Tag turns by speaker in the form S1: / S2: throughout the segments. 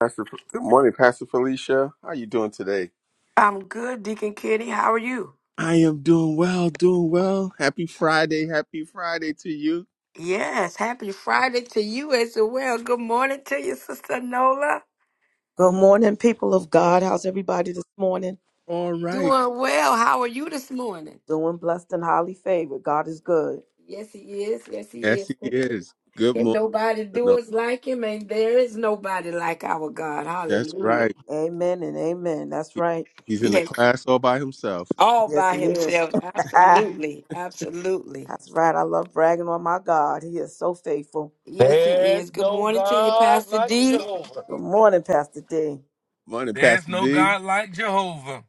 S1: Pastor, good morning, Pastor Felicia. How you doing today?
S2: I'm good, Deacon Kitty. How are you?
S1: I am doing well, doing well. Happy Friday, happy Friday to you.
S2: Yes, happy Friday to you as well. Good morning to you, Sister Nola.
S3: Good morning, people of God. How's everybody this morning?
S1: All right.
S2: Doing well. How are you this morning?
S3: Doing blessed and highly favored. God is good.
S2: Yes, he is. Yes, he
S1: Yes,
S2: is.
S1: he is. Good
S2: Can
S1: morning.
S2: nobody do
S1: No,
S2: us like him? And there is nobody like our God.
S1: that's
S2: Hallelujah.
S1: right.
S3: Amen and amen. That's
S1: He-
S3: right.
S1: He's in
S2: He
S1: the
S2: is
S1: class all by himself.
S2: all
S3: Yes,
S2: by
S3: He is.
S2: himself.
S3: That's
S2: Absolutely. Absolutely.
S3: right. I love bragging on my God. He is so faithful.
S2: Yes, he
S4: There's
S2: is. Good
S4: no
S2: morning to you,
S4: God
S2: Pastor
S4: like
S2: D.
S4: Jehovah.
S3: Good morning, Pastor D.
S1: Morning,
S4: There's
S1: Pastor
S4: no
S1: D.
S4: God like Jehovah.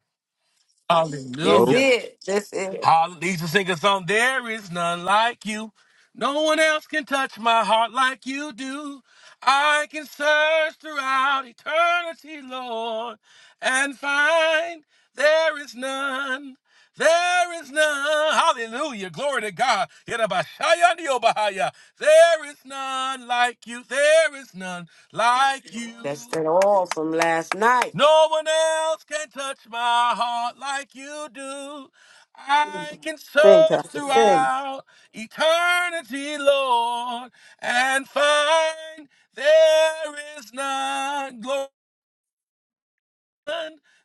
S1: No
S2: That's
S4: Hallelujah.
S2: it. That's it.
S4: Holla, they used to sing a song, There is none like you. No one else can touch my heart like you do. I can search throughout eternity, Lord, and find there is none. There is none. Hallelujah. Glory to God. Yedabashayandiyobahaya. There is none like you. There is none like
S2: That's
S4: you.
S2: that all from last night.
S4: No one else can touch my heart like you do. I can
S3: Sing,
S4: search
S3: Pastor Sin.
S4: throughout eternity, Lord, and find there is none. Glory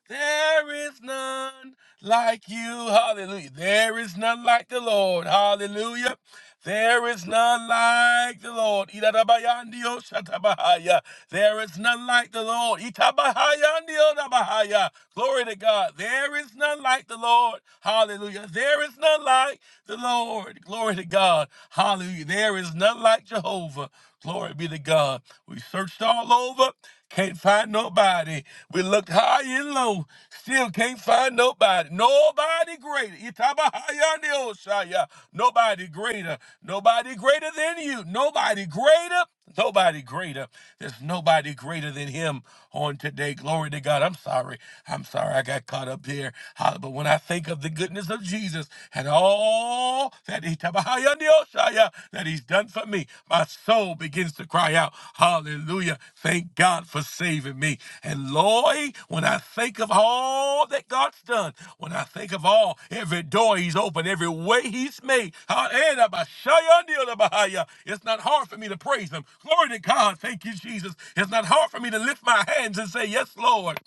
S4: there is none like you. Hallelujah. There is none like the Lord. Hallelujah. There is none like the Lord. Idadabayandio shatabahaya. There is none like the Lord. Itabahayandio dabahaya. Glory to God. There is none like the Lord. Hallelujah. There is none like the Lord. Glory to God. Hallelujah. There is none like Jehovah. Glory be to God. We searched all over. Can't find nobody. We looked high and low, still can't find nobody. Nobody greater. Itabahayandioshaya. Nobody greater. Nobody greater than you. Nobody greater. Nobody greater. There's nobody greater than him on today. Glory to God. I'm sorry. I'm sorry I got caught up here. Uh, But when I think of the goodness of Jesus and all that he that he's done for me, my soul begins to cry out, Hallelujah. Thank God for saving me. And Lord, when I think of all that God's done, when I think of all, every door he's opened, every way he's made, it's not hard for me to praise him. Glory to God. Thank you, Jesus. It's not hard for me to lift my hands and say, Yes, Lord.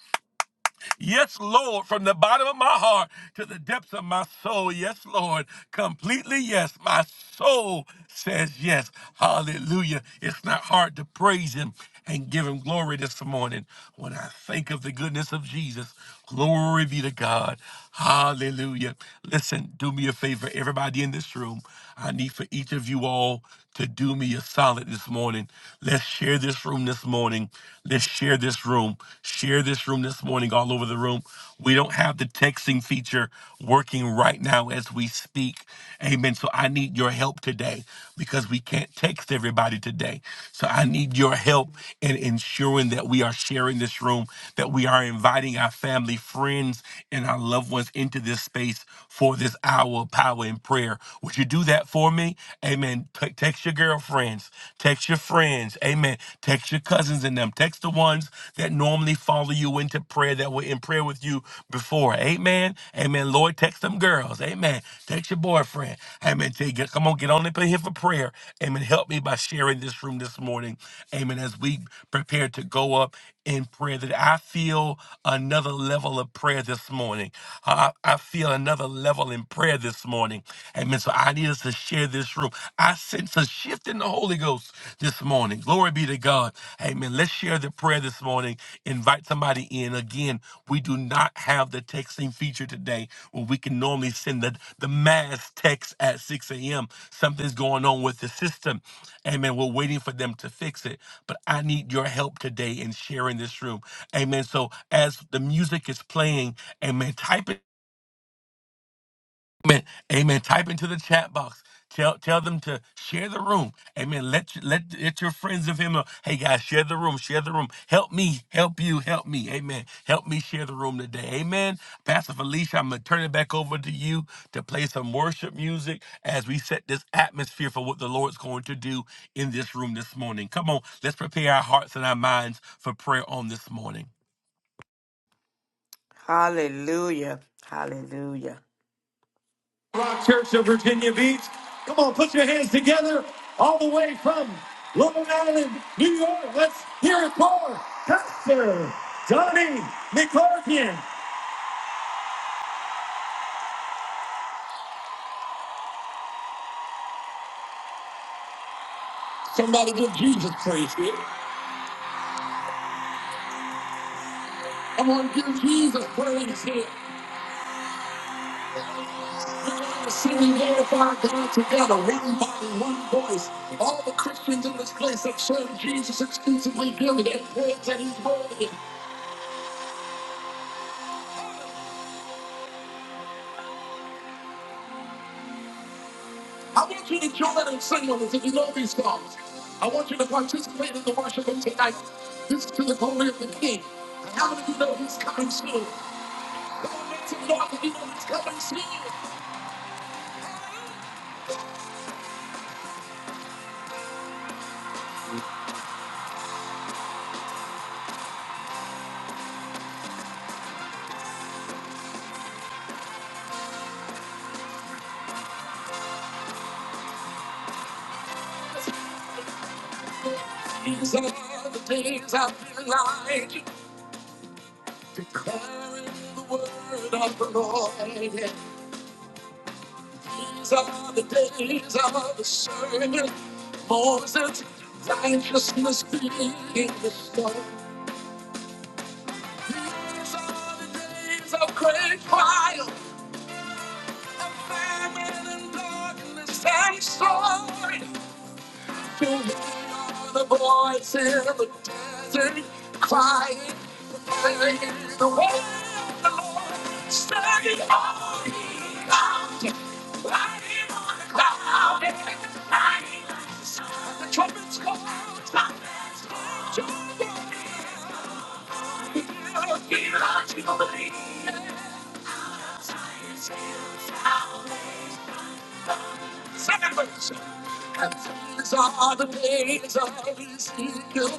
S4: Yes, Lord, from the bottom of my heart to the depths of my soul. Yes, Lord, completely yes. My soul says yes. Hallelujah. It's not hard to praise Him and give Him glory this morning when I think of the goodness of Jesus. Glory be to God. Hallelujah. Listen, do me a favor, everybody in this room. I need for each of you all to do me a solid this morning. Let's share this room this morning. Let's share this room. Share this room this morning all over the room. We don't have the texting feature working right now as we speak. Amen. So I need your help today because we can't text text everybody today. So I need your help in ensuring that we are sharing this room, that we are inviting our family, friends, and our loved ones into this space for this hour of power and prayer. Would you do that for me? Amen. T- text your girlfriends, text your friends, amen. Text your cousins and them. Text the ones that normally follow you into prayer, that were in prayer with you before for. Amen. Amen. Lord, text them girls. Amen. Text your boyfriend. Amen. Tell you, get- come on, get on up in here for prayer. Amen. Help me by sharing this room this morning. Amen. As we prepare to go up in prayer, that I feel another level of prayer this morning. I, I feel another level in prayer this morning. Amen. So I need us to share this room. I sense a shift in the Holy Ghost this morning. Glory be to God. Amen. Let's share the prayer this morning. Invite somebody in. Again, we do not have the texting feature today where we can normally send the, the mass text at 6 a.m. Something's going on with the system. Amen. We're waiting for them to fix it. But I need your help today in sharing this room. Amen. So as the music is playing, amen, type it. Amen. Amen. Type into the chat box. Tell tell them to share the room. Amen. Let your- let let your friends of him know. Hey guys, share the room. Share the room. Help me. Help you. Help me. Amen. Help me share the room today. Amen. Pastor Felicia, I'm gonna turn it back over to you to play some worship music as we set this atmosphere for what the Lord's going to do in this room this morning. Come on, let's prepare our hearts and our minds for prayer on this morning.
S2: Hallelujah. Hallelujah. Rock Church of Virginia Beach. Come on, put your hands together all the way from Long Island, New York. Let's hear it for Pastor Johnny McCarthy. Somebody give Jesus praise here. I'm going to give Jesus praise here. We're going to sing and glorify God together, one body, one voice. All the Christians in this place that serve Jesus exclusively give it and praise that He's worthy. I want you to join and sing with us if you know these songs. I want you to participate in the worship of tonight. This is to the glory of the King. And how many of you know he's coming soon? Come on, make some noise if you know he's coming soon. These are the days I've been lying, declaring the word of the Lord. These are the days of the servant Moses, righteousness being restored. These are the days of great trial. A fireman in darkness, I'm sorry. You hear the voice in the desert crying, praise the way of the Lord, standing on the mountain, riding on the cloud, shining like the sun. The trumpets call, trumpets call, trumpets Hear, hear, our jubilee. Our Zion's hill shall praise. These are the days of his kingdom.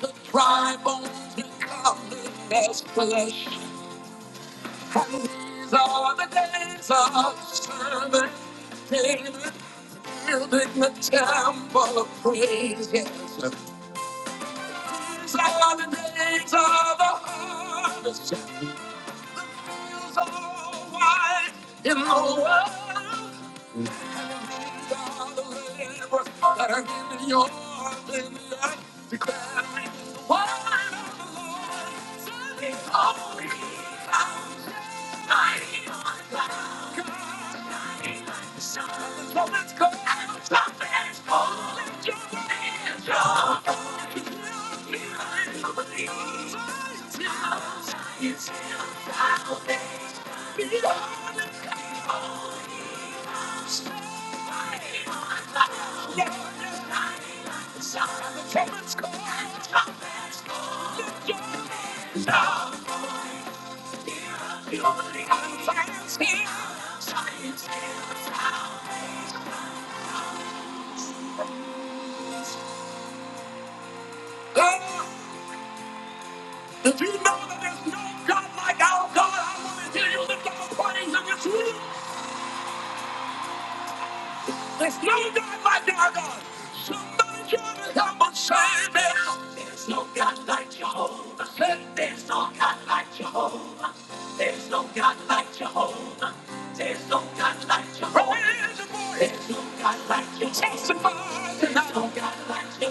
S2: The dry bones becoming as flesh. And these are the days of servant David building the temple of praise. Yes. These are the days of the harvest. The fields are white in the world. And the dreams are the labor that are in yours and mine. Declare me one of the Lord's. He's only found shining on the clouds, shining like the sun. The moments come, the moments go. Let your angels hold you. You never believe. If you know that there's no God like our God, I want to hear you lift up a praise in this room. There's no God like our God. Somebody tell me how much sign now. There's no God like Jehovah. Say, There's no God like Jehovah. There's no God like Jehovah. There's no God like Jehovah. Raise your Lord. There's no God Testify tonight. There's no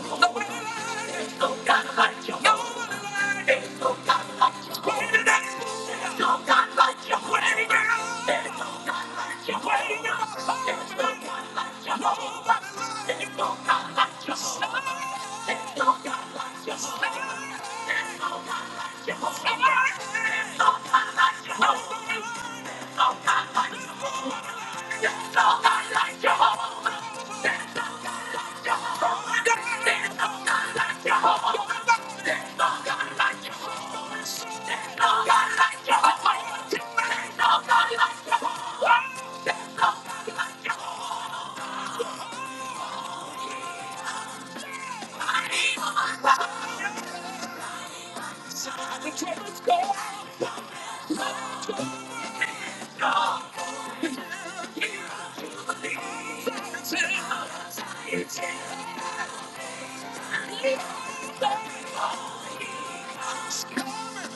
S2: Jehovah. Nobody like There's no Jehovah. Nobody like There's no Jehovah. Greater than Himself. There's no God like Jehovah. Greater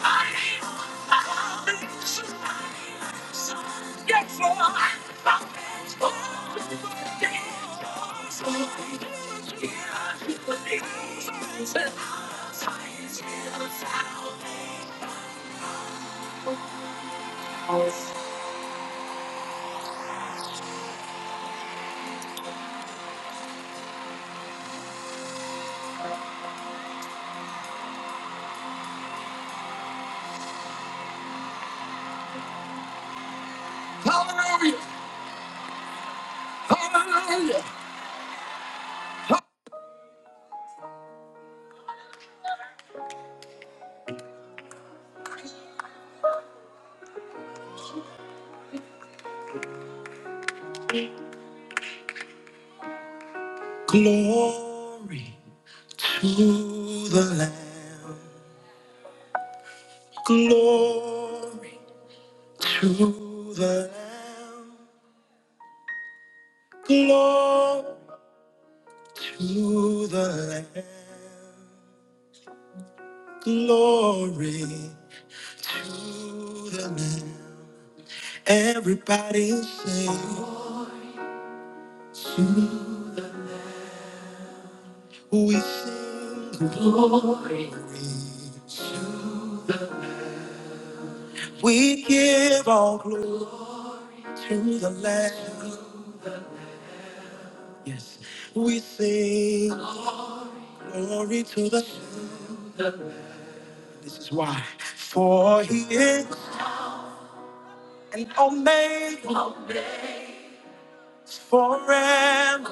S2: Hallelujah! Hallelujah! Glory to the Lamb. Glory to the Lamb. Glory to the Lamb. Glory to the Lamb. Everybody sing. We sing. We give all glory to the Lamb. Yes. We sing. Glory to the Lamb. This is why. For he is an omega forever.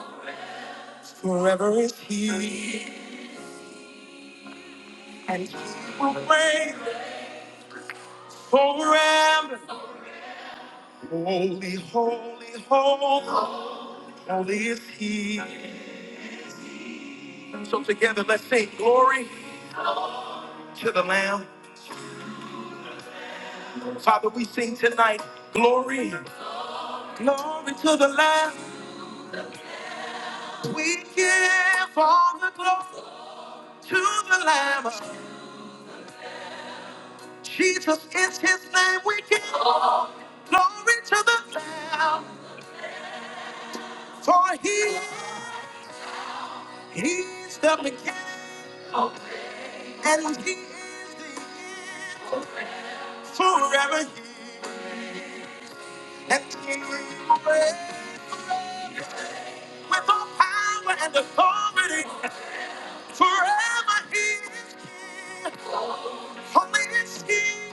S2: Forever is he. Will reign forever. Holy, holy, holy, holy is he. So together, let's sing glory to the Lamb. Father, we sing tonight, glory, glory to the Lamb. We give all the glory to the Lamb. Jesus is His name. We give glory to the Lamb, for He He's the beginning and He is the end. Forever He and He reigns with all power and authority Forever he is king. Only is king.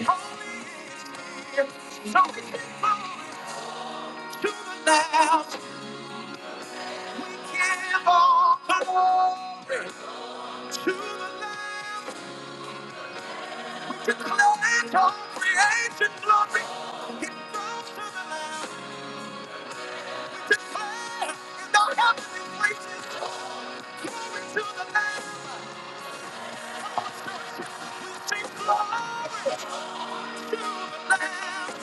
S2: Only is king. So we give glory to the Lamb. We give all glory to the Lamb. Declare all creation glory. It goes to the Lamb. We declare in the heavenly places. Glory to the Lamb. We sing glory to the Lamb.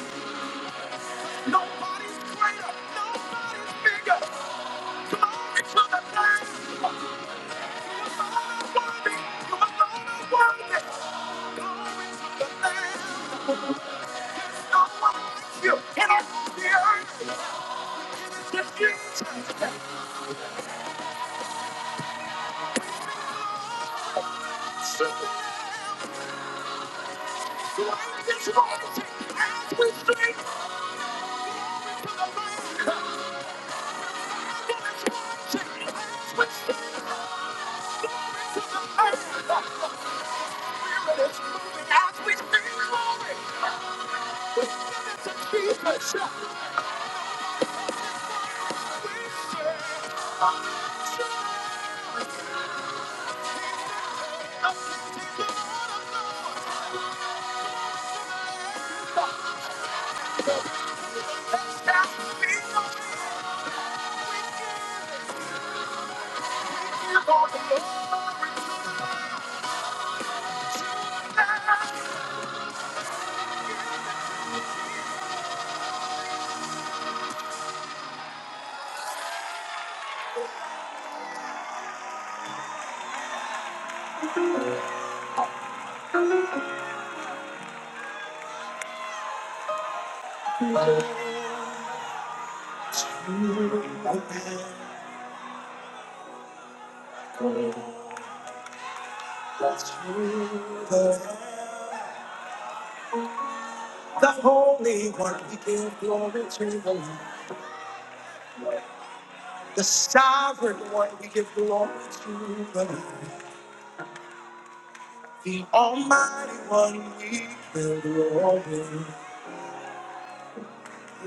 S2: Nobody's greater. Nobody's bigger. Glory to the name. You alone are worthy. You alone are worthy. Glory to the name. No one like you in all the earth. It's Jesus. Superman. Great is rising as we speak. Glory to the Lamb. It is rising as we speak. Glory to the Lamb. The Holy One, we give glory to the Lord. The Sovereign One, we give glory to the Lord. The Almighty One, we give glory.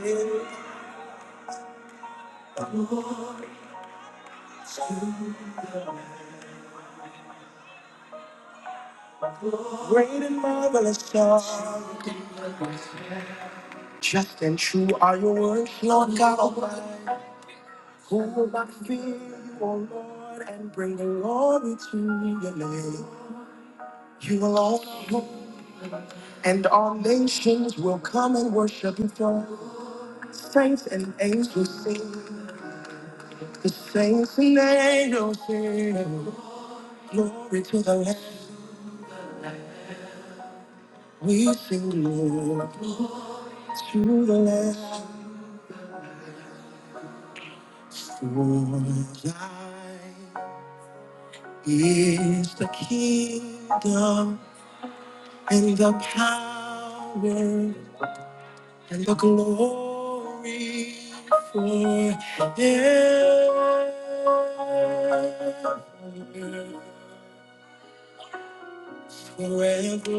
S2: to. Great and marvelous God, just and true are your words, Lord God Almighty. Who will I fear you, O Lord, and bring glory to your name? You alone and all nations will come and worship before you. Saints and angels sing, the saints and angels sing. Glory to the Lamb, we sing glory to the Lamb. For thine is the kingdom and the power and the glory forever. Forever.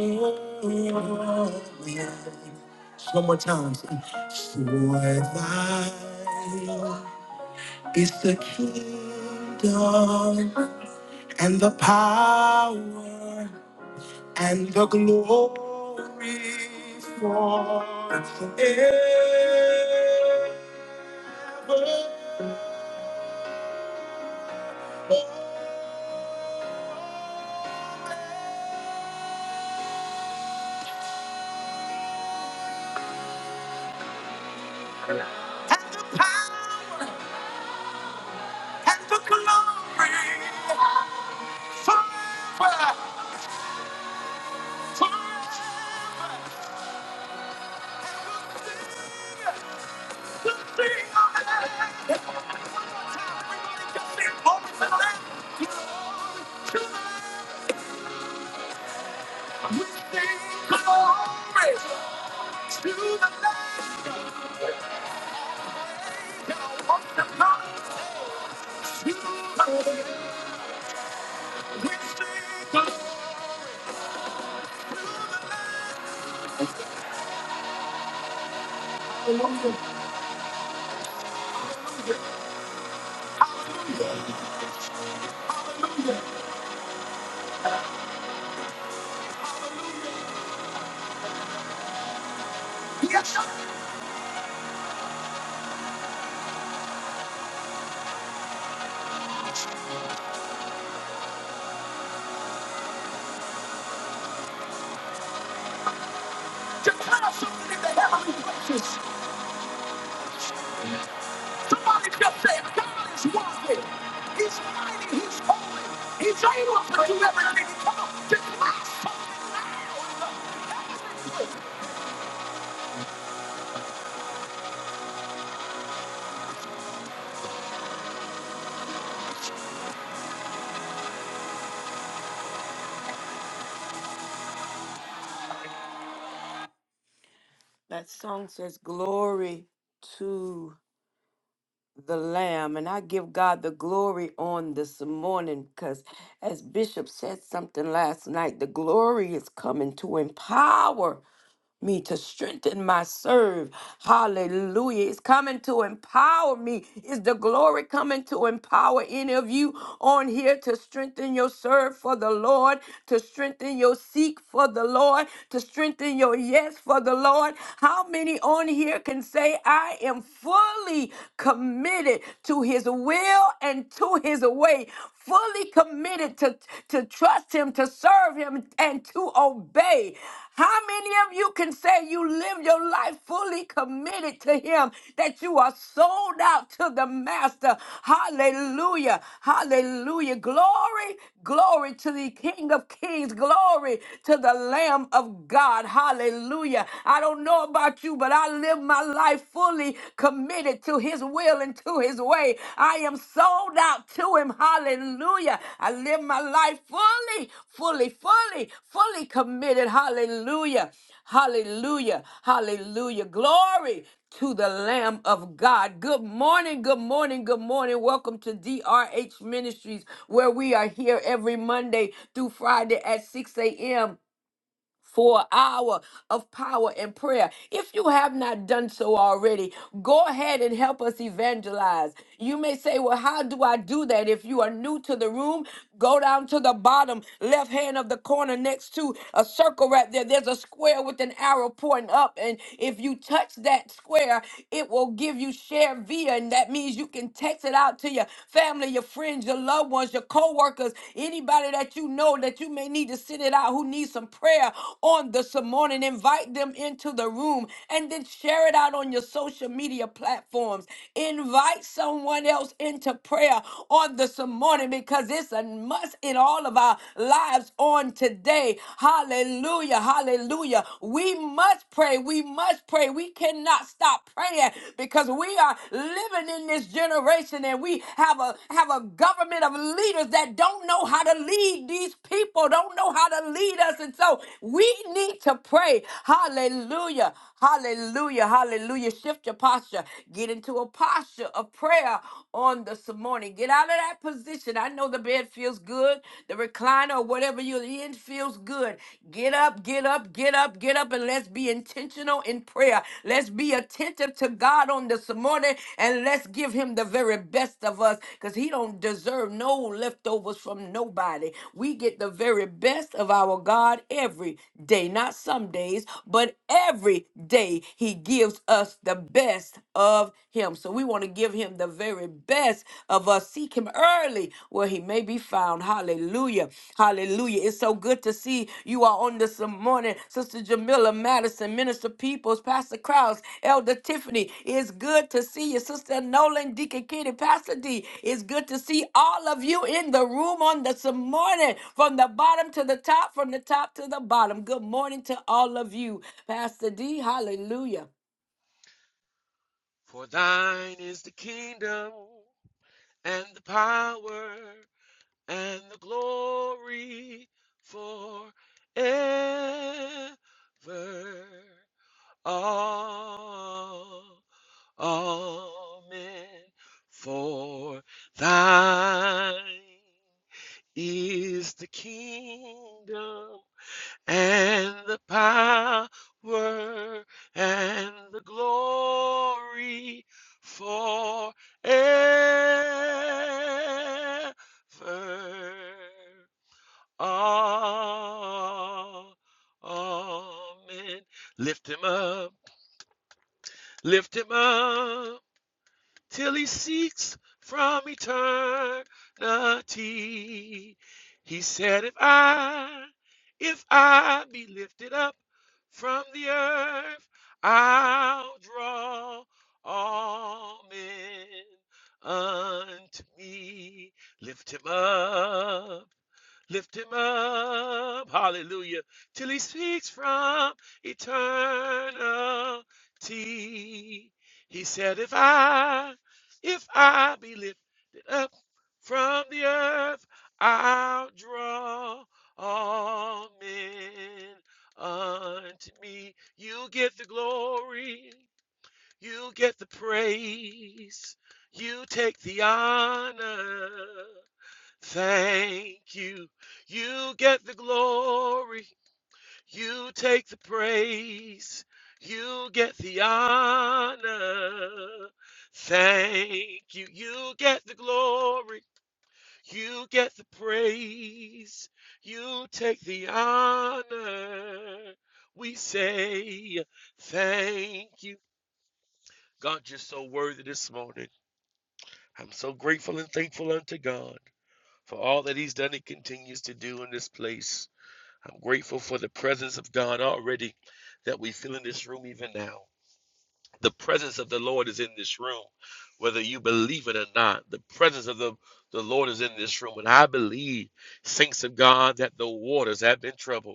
S2: One more time. For thine is the kingdom and the power and the glory forever. and the power and the glory forever, forever. And we'll sing, we'll sing on the land. One more time, everybody, just sing, to the land. to the land. We sing glory to the land. you We sing glory to the land. That song says, Glory to the Lamb. And I give God the glory on this morning because, as Bishop said something last night, the glory is coming to empower. me to strengthen my serve. Hallelujah. It's coming to empower me. Is the glory coming to empower any of you on here to strengthen your serve for the Lord, to strengthen your seek for the Lord, to strengthen your yes for the Lord? How many on here can say, I am fully committed to his will and to his way? fully committed to, to trust him, to serve him, and to obey. How many of you can say you live your life fully committed to him, that you are sold out to the master? Hallelujah. Hallelujah. Glory, glory to the King of Kings. Glory to the Lamb of God. Hallelujah. I don't know about you, but I live my life fully fully committed to his will and to his way. I am sold out to him. Hallelujah. I live my life fully, fully, fully, fully committed. Hallelujah. Hallelujah. Hallelujah. Glory to the Lamb of God. Good morning, good morning, good morning. Welcome to DRH Ministries, where we are here every Monday through Friday at 6 a.m for an hour of power and prayer. If you have not done so already, go ahead and help us evangelize. You may say, Well, how do I do that? If you are new to the room, go down to the bottom left hand of the corner next to a circle right there. There's a square with an arrow pointing up. And if you touch that square, it will give you share via. And that means you can text it out to your family, your friends, your loved loved ones, your co-workers, anybody that you know that you may need to send it out who needs some prayer on this morning. Invite them into the room and then share it out on your social media platforms. Invite someone else into prayer on this morning because it's a must in all of our lives on today. Hallelujah. Hallelujah. We must pray. We must pray. We cannot stop praying because we are living in this generation and we have a have a government of leaders that don't know how to lead these people, don't know how to lead us. And so we need to pray. Hallelujah. Hallelujah. Hallelujah. Shift your posture. Get into a posture of prayer on this morning. Get out of that position. I know the bed feels good. The recliner or whatever you're in feels good good. Get up, get up, get up, get up, and let's be intentional in prayer. Let's be attentive to God on this morning, and let's give Him the very best of us, because He don't deserve no leftovers from nobody. We get the very best of our God every day, not some days, but every day He gives us the best of Him. So we want to give Him the very best of us seek him early where he may be found. Hallelujah. Hallelujah. It's so good to see you all on this morning. Sister Jamila Madison, Minister Peoples, Pastor Krause, Elder Tiffany. It's good to see you. Sister Nolan, Deacon Kitty, Pastor D. It's good to see all of you in the room on this morning from the bottom to the top, from the top to the bottom. Good morning to all of you. Pastor D, hallelujah.
S4: For thine is the kingdom and the power and the glory forever. Ah, Amen. For thine is the kingdom and the power and the glory forever. Amen. Lift him up, lift him up till he seeks from eternity. He said, If I, if I be lifted up from the earth, I'll draw all men unto me. Lift him up Lift him up, hallelujah, till he speaks from eternity. He said, If I, if I be lifted up from the earth, I'll draw all men unto me. You get the glory, you get the praise, you take the honor. Thank you. You get the glory. You take the praise. You get the honor. Thank you. You get the glory. You get the praise. You take the honor. We say thank you. God, you're so worthy this morning. I'm so grateful and thankful unto God for all that He's done and continues to do in this place. I'm grateful for the presence of God already that we feel in this room even now. The presence of the Lord is in this room, whether you believe it or not. The presence of the, the Lord is in this room. And I believe, saints of God, that the waters have been troubled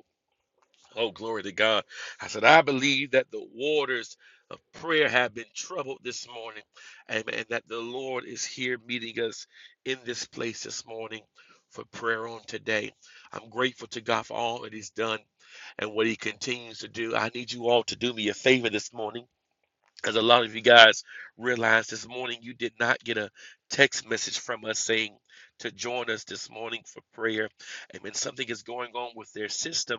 S4: Oh, glory to God. I said, I believe that the waters of prayer have been troubled this morning. Amen. And that the Lord is here meeting us in this place this morning for prayer on today. I'm grateful to God for all that He's done and what He continues to do. I need you all to do me a favor this morning. Because a lot of you guys realize this morning you did not get a text message from us saying to join us this morning for prayer. Amen. Something is going on with their system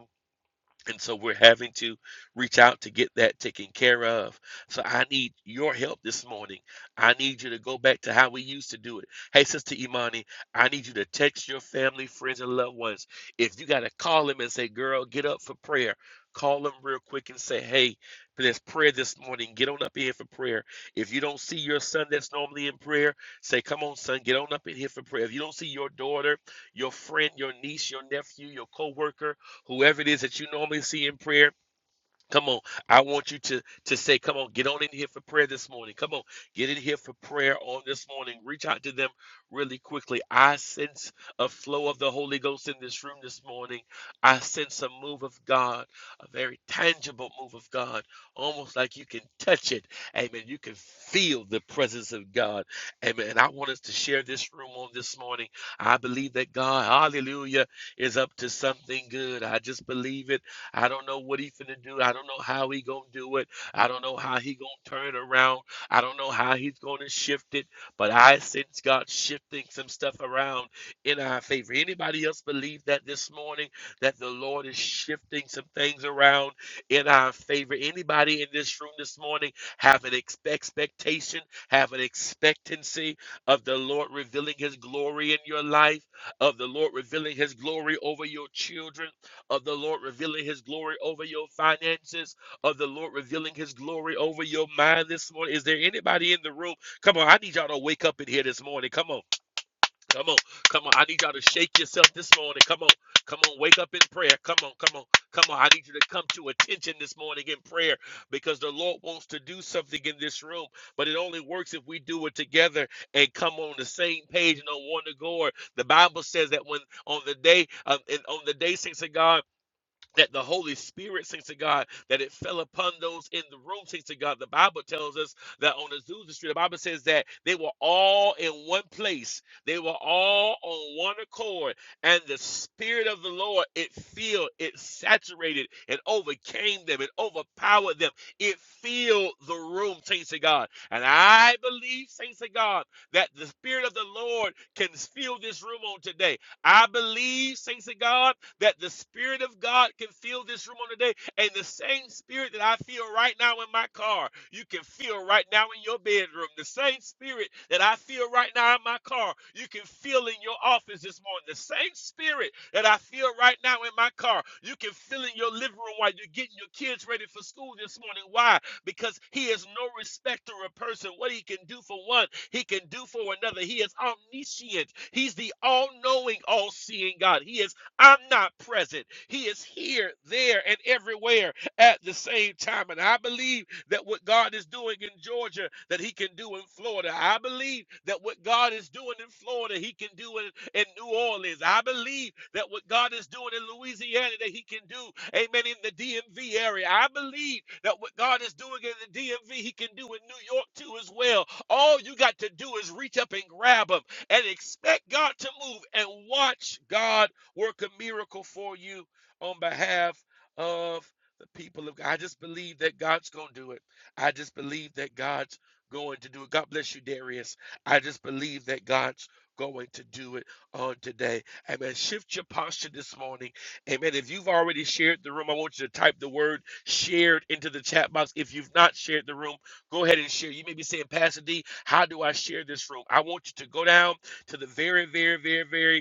S4: and so we're having to reach out to get that taken care of. So I need your help this morning. I need you to go back to how we used to do it. Hey, Sister Imani, I need you to text your family, friends, and loved ones. If you got to call them and say, girl, get up for prayer, call them real quick and say, hey, there's prayer this morning. Get on up in here for prayer. If you don't see your son that's normally in prayer, say, come on, son, get on up in here for prayer. If you don't see your daughter, your friend, your niece, your nephew, your coworker whoever it is that you normally see in prayer, Come on. I want you to to say, come on, get on in here for prayer this morning. Come on, get in here for prayer on this morning. Reach out to them really quickly. I sense a flow of the Holy Ghost in this room this morning. I sense a move of God, a very tangible move of God, almost like you can touch it. Amen. You can feel the presence of God. Amen. And I want us to share this room on this morning. I believe that God, hallelujah, is up to something good. I just believe it. I don't know what he finna do. I don't know how he gonna do it. I don't know how he gonna turn it around. I don't know how he's gonna shift it. But I sense God shifting some stuff around in our favor. Anybody else believe that this morning that the Lord is shifting some things around in our favor? Anybody in this room this morning have an ex- expectation, have an expectancy of the Lord revealing His glory in your life, of the Lord revealing His glory over your children? of the Lord revealing his glory over your finances, of the Lord revealing his glory over your mind this morning. Is there anybody in the room? Come on, I need y'all to wake up in here this morning. Come on, come on, come on. I need y'all to shake yourself this morning. Come on, come on, wake up in prayer. Come on, come on, come on. I need you to come to attention this morning in prayer because the Lord wants to do something in this room, but it only works if we do it together and come on the same page and on one accord. The Bible says that when on the day, um, and on the day, saints of God, that the Holy Spirit, sings to God, that it fell upon those in the room, sings to God. The Bible tells us that on Azusa Street, the Bible says that they were all in one place. They were all on one accord. And the Spirit of the Lord, it filled, it saturated, it overcame them, it overpowered them. It filled the room, saints to God. And I believe, saints to God, that the Spirit of the Lord can fill this room on today I believe, saints of God, that the Spirit of God can fill this room on today. And the same Spirit that I feel right now in my car, you can feel right now in your bedroom. The same Spirit that I feel right now in my car, you can feel in your office this morning. The same Spirit that I feel right now in my car, you can feel in your living room while you're getting your kids ready for school this morning. Why? because he is no respecter of person. What he can do for one, he can do for another. He is omniscient. He's the all-knowing, all-seeing God. He is I'm not present. He is here, there, and everywhere at the same time. And I believe that what God is doing in Georgia, that He can do in Florida. I believe that what God is doing in Florida, He can do in, in New Orleans. I believe that what God is doing in Louisiana, that He can do, amen, in the DMV area. I believe that what God is doing in the DMV, He can do in New York too as well. All you got to do is reach up and grab them and expect God to move and watch God work a miracle for you on behalf of the people of God. I just believe that God's going to do it. I just believe that God's going to do it. God bless you, Darius. I just believe that God's going to do it on today. Amen. Shift your posture this morning. Amen. If you've already shared the room, I want you to type the word shared into the chat box. If you've not shared the room, go ahead and share. You may be saying, Pastor D, how do I share this room? I want you to go down to the very, very, very, very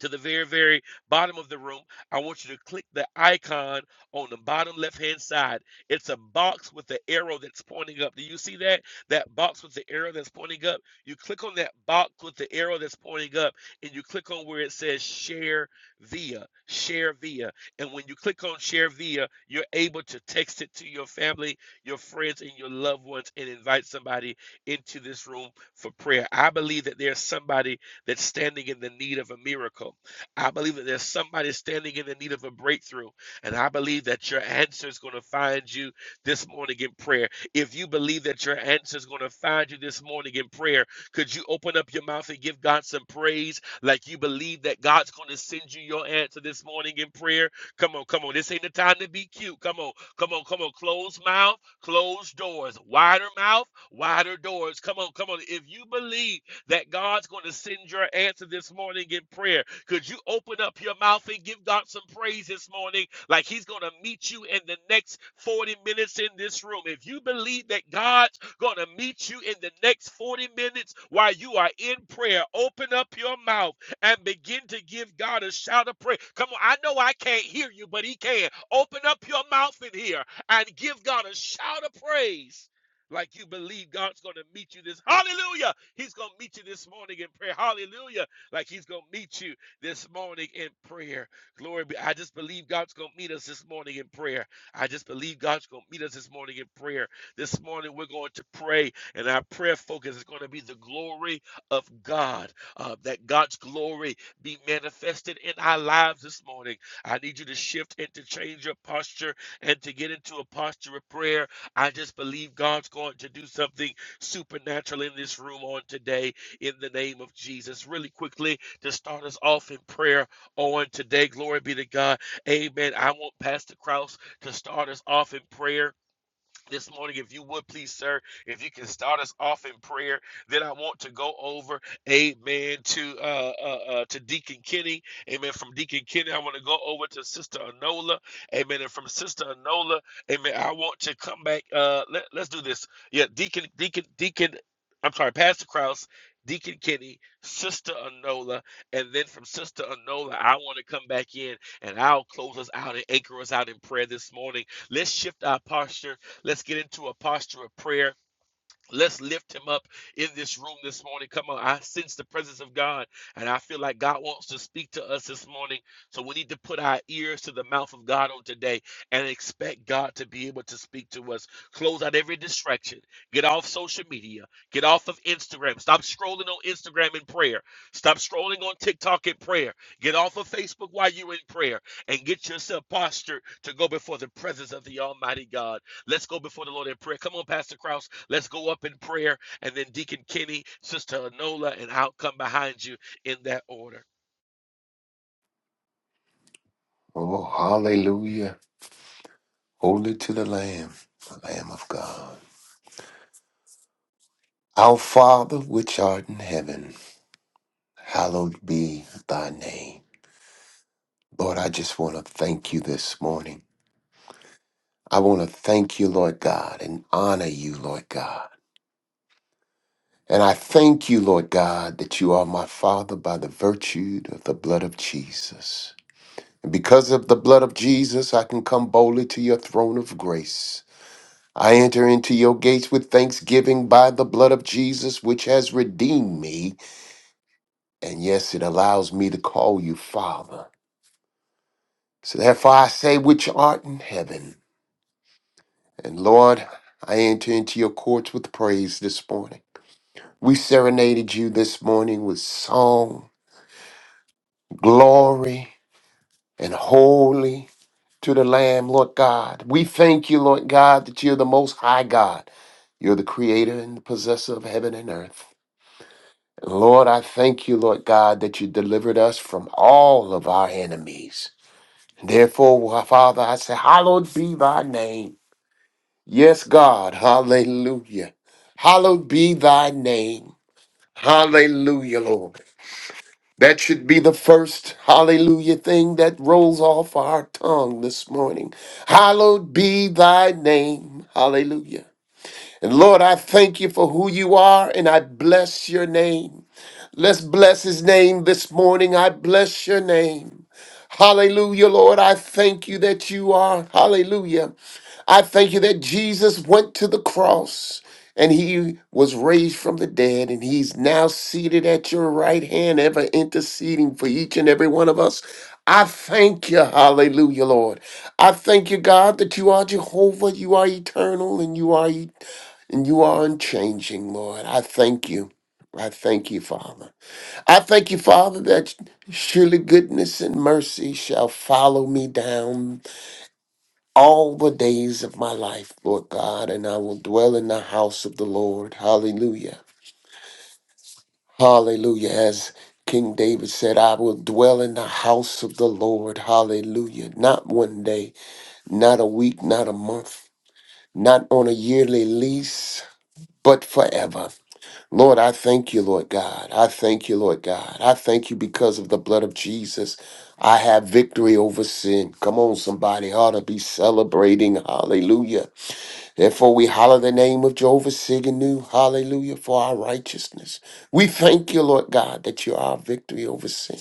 S4: to the very, very bottom of the room, I want you to click the icon on the bottom left hand side. It's a box with the arrow that's pointing up. Do you see that? That box with the arrow that's pointing up. You click on that box with the arrow that's pointing up, and you click on where it says share via, share via. And when you click on share via, you're able to text it to your family, your friends, and your loved ones and invite somebody into this room for prayer. I believe that there's somebody that's standing in the need of a miracle. I believe that there's somebody standing in the need of a breakthrough. And I believe that your answer is going to find you this morning in prayer. If you believe that your answer is going to find you this morning in prayer, could you open up your mouth and give God some praise like you believe that God's going to send you your answer this morning in prayer? Come on, come on. This ain't the time to be cute. Come on, come on, come on. Closed mouth, closed doors. Wider mouth, wider doors. Come on, come on. If you believe that God's going to send your answer this morning in prayer. Could you open up your mouth and give God some praise this morning? Like He's going to meet you in the next 40 minutes in this room. If you believe that God's going to meet you in the next 40 minutes while you are in prayer, open up your mouth and begin to give God a shout of praise. Come on, I know I can't hear you, but He can. Open up your mouth in here and give God a shout of praise like you believe God's going to meet you this. Hallelujah. He's going to meet you this morning in prayer. Hallelujah. Like he's going to meet you this morning in prayer. Glory be. I just believe God's going to meet us this morning in prayer. I just believe God's going to meet us this morning in prayer. This morning we're going to pray, and our prayer focus is going to be the glory of God, uh, that God's glory be manifested in our lives this morning. I need you to shift and to change your posture and to get into a posture of prayer. I just believe God's going to do something supernatural in this room on today in the name of Jesus. Really quickly, to start us off in prayer on today, glory be to God. Amen. I want Pastor Kraus to start us off in prayer this morning, if you would please, sir, if you can start us off in prayer, then I want to go over, amen, to uh, uh, uh to Deacon Kenny, amen. From Deacon Kenny, I want to go over to Sister Anola, amen, and from Sister Anola, amen. I want to come back. Uh, let, let's do this. Yeah, Deacon, Deacon, Deacon. I'm sorry, Pastor Krause, Deacon Kenny, Sister Anola, and then from Sister Anola, I want to come back in and I'll close us out and anchor us out in prayer this morning. Let's shift our posture Let's get into a posture of prayer. Let's lift him up in this room this morning. Come on, I sense the presence of God, and I feel like God wants to speak to us this morning. So we need to put our ears to the mouth of God on today and expect God to be able to speak to us. Close out every distraction. Get off social media. Get off of Instagram. Stop scrolling on Instagram in prayer. Stop scrolling on TikTok in prayer. Get off of Facebook while you're in prayer and get yourself postured to go before the presence of the Almighty God. Let's go before the Lord in prayer. Come on, Pastor Krause. Let's go up in prayer. And then Deacon Kenny, Sister Anola, and I'll come behind you in that order.
S5: Oh, hallelujah. Holy to the Lamb, the Lamb of God. Our Father, which art in heaven, hallowed be thy name. Lord, I just want to thank you this morning. I want to thank you, Lord God, and honor you, Lord God. And I thank you, Lord God, that you are my Father by the virtue of the blood of Jesus. And because of the blood of Jesus, I can come boldly to your throne of grace I enter into your gates with thanksgiving by the blood of Jesus, which has redeemed me. And yes, it allows me to call you Father. So therefore I say, which art in heaven. And Lord, I enter into your courts with praise this morning. We serenaded you this morning with song, glory, and holy to the Lamb, Lord God. We thank you, Lord God, that you're the most high God. You're the creator and the possessor of heaven and earth. Lord, I thank you, Lord God, that you delivered us from all of our enemies. Therefore, Father, I say, Hallowed be thy name. Yes, God. Hallelujah. Hallowed be thy name. Hallelujah, Lord. That should be the first hallelujah thing that rolls off our tongue this morning. Hallowed be thy name. Hallelujah. And Lord, I thank you for who you are and I bless your name. Let's bless his name this morning. I bless your name. Hallelujah, Lord. I thank you that you are. Hallelujah. I thank you that Jesus went to the cross and he was raised from the dead and he's now seated at your right hand, ever interceding for each and every one of us. I thank you. Hallelujah, Lord. I thank you, God, that you are Jehovah, you are eternal and you are e- and you are unchanging, Lord. I thank you. I thank you, Father. I thank you, Father, that surely goodness and mercy shall follow me down all the days of my life, Lord God, and I will dwell in the house of the Lord. Hallelujah. Hallelujah. As King David said, I will dwell in the house of the Lord. Hallelujah. Not one day, not a week, not a month, not on a yearly lease, but forever. Lord, I thank you, Lord God. I thank you, Lord God. I thank you because of the blood of Jesus. I have victory over sin. Come on, somebody ought to be celebrating. Hallelujah. Therefore, we holler the name of Jehovah Siganu. Hallelujah for our righteousness. We thank you, Lord God, that you are our victory over sin.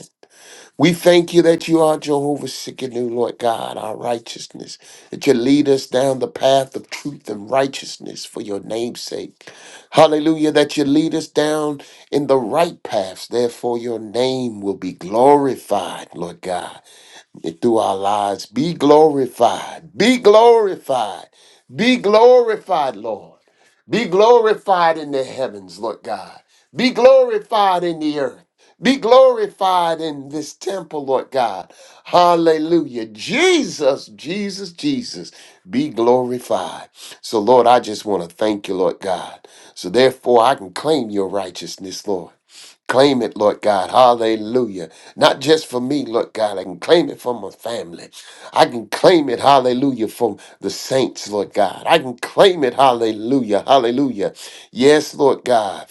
S5: We thank you that you are Jehovah Sikkenu, Lord God, our righteousness, that you lead us down the path of truth and righteousness for your name's sake. Hallelujah, that you lead us down in the right paths, therefore your name will be glorified, Lord God that through our lives. Be glorified. Be glorified. Be glorified, Lord. Be glorified in the heavens, Lord God. Be glorified in the earth. Be glorified in this temple, Lord God. Hallelujah. Jesus, Jesus, Jesus, be glorified. So, Lord, I just want to thank you, Lord God. So, therefore, I can claim your righteousness, Lord. Claim it, Lord God. Hallelujah. Not just for me, Lord God. I can claim it for my family. I can claim it, hallelujah, for the saints, Lord God. I can claim it, hallelujah, hallelujah. Yes, Lord God.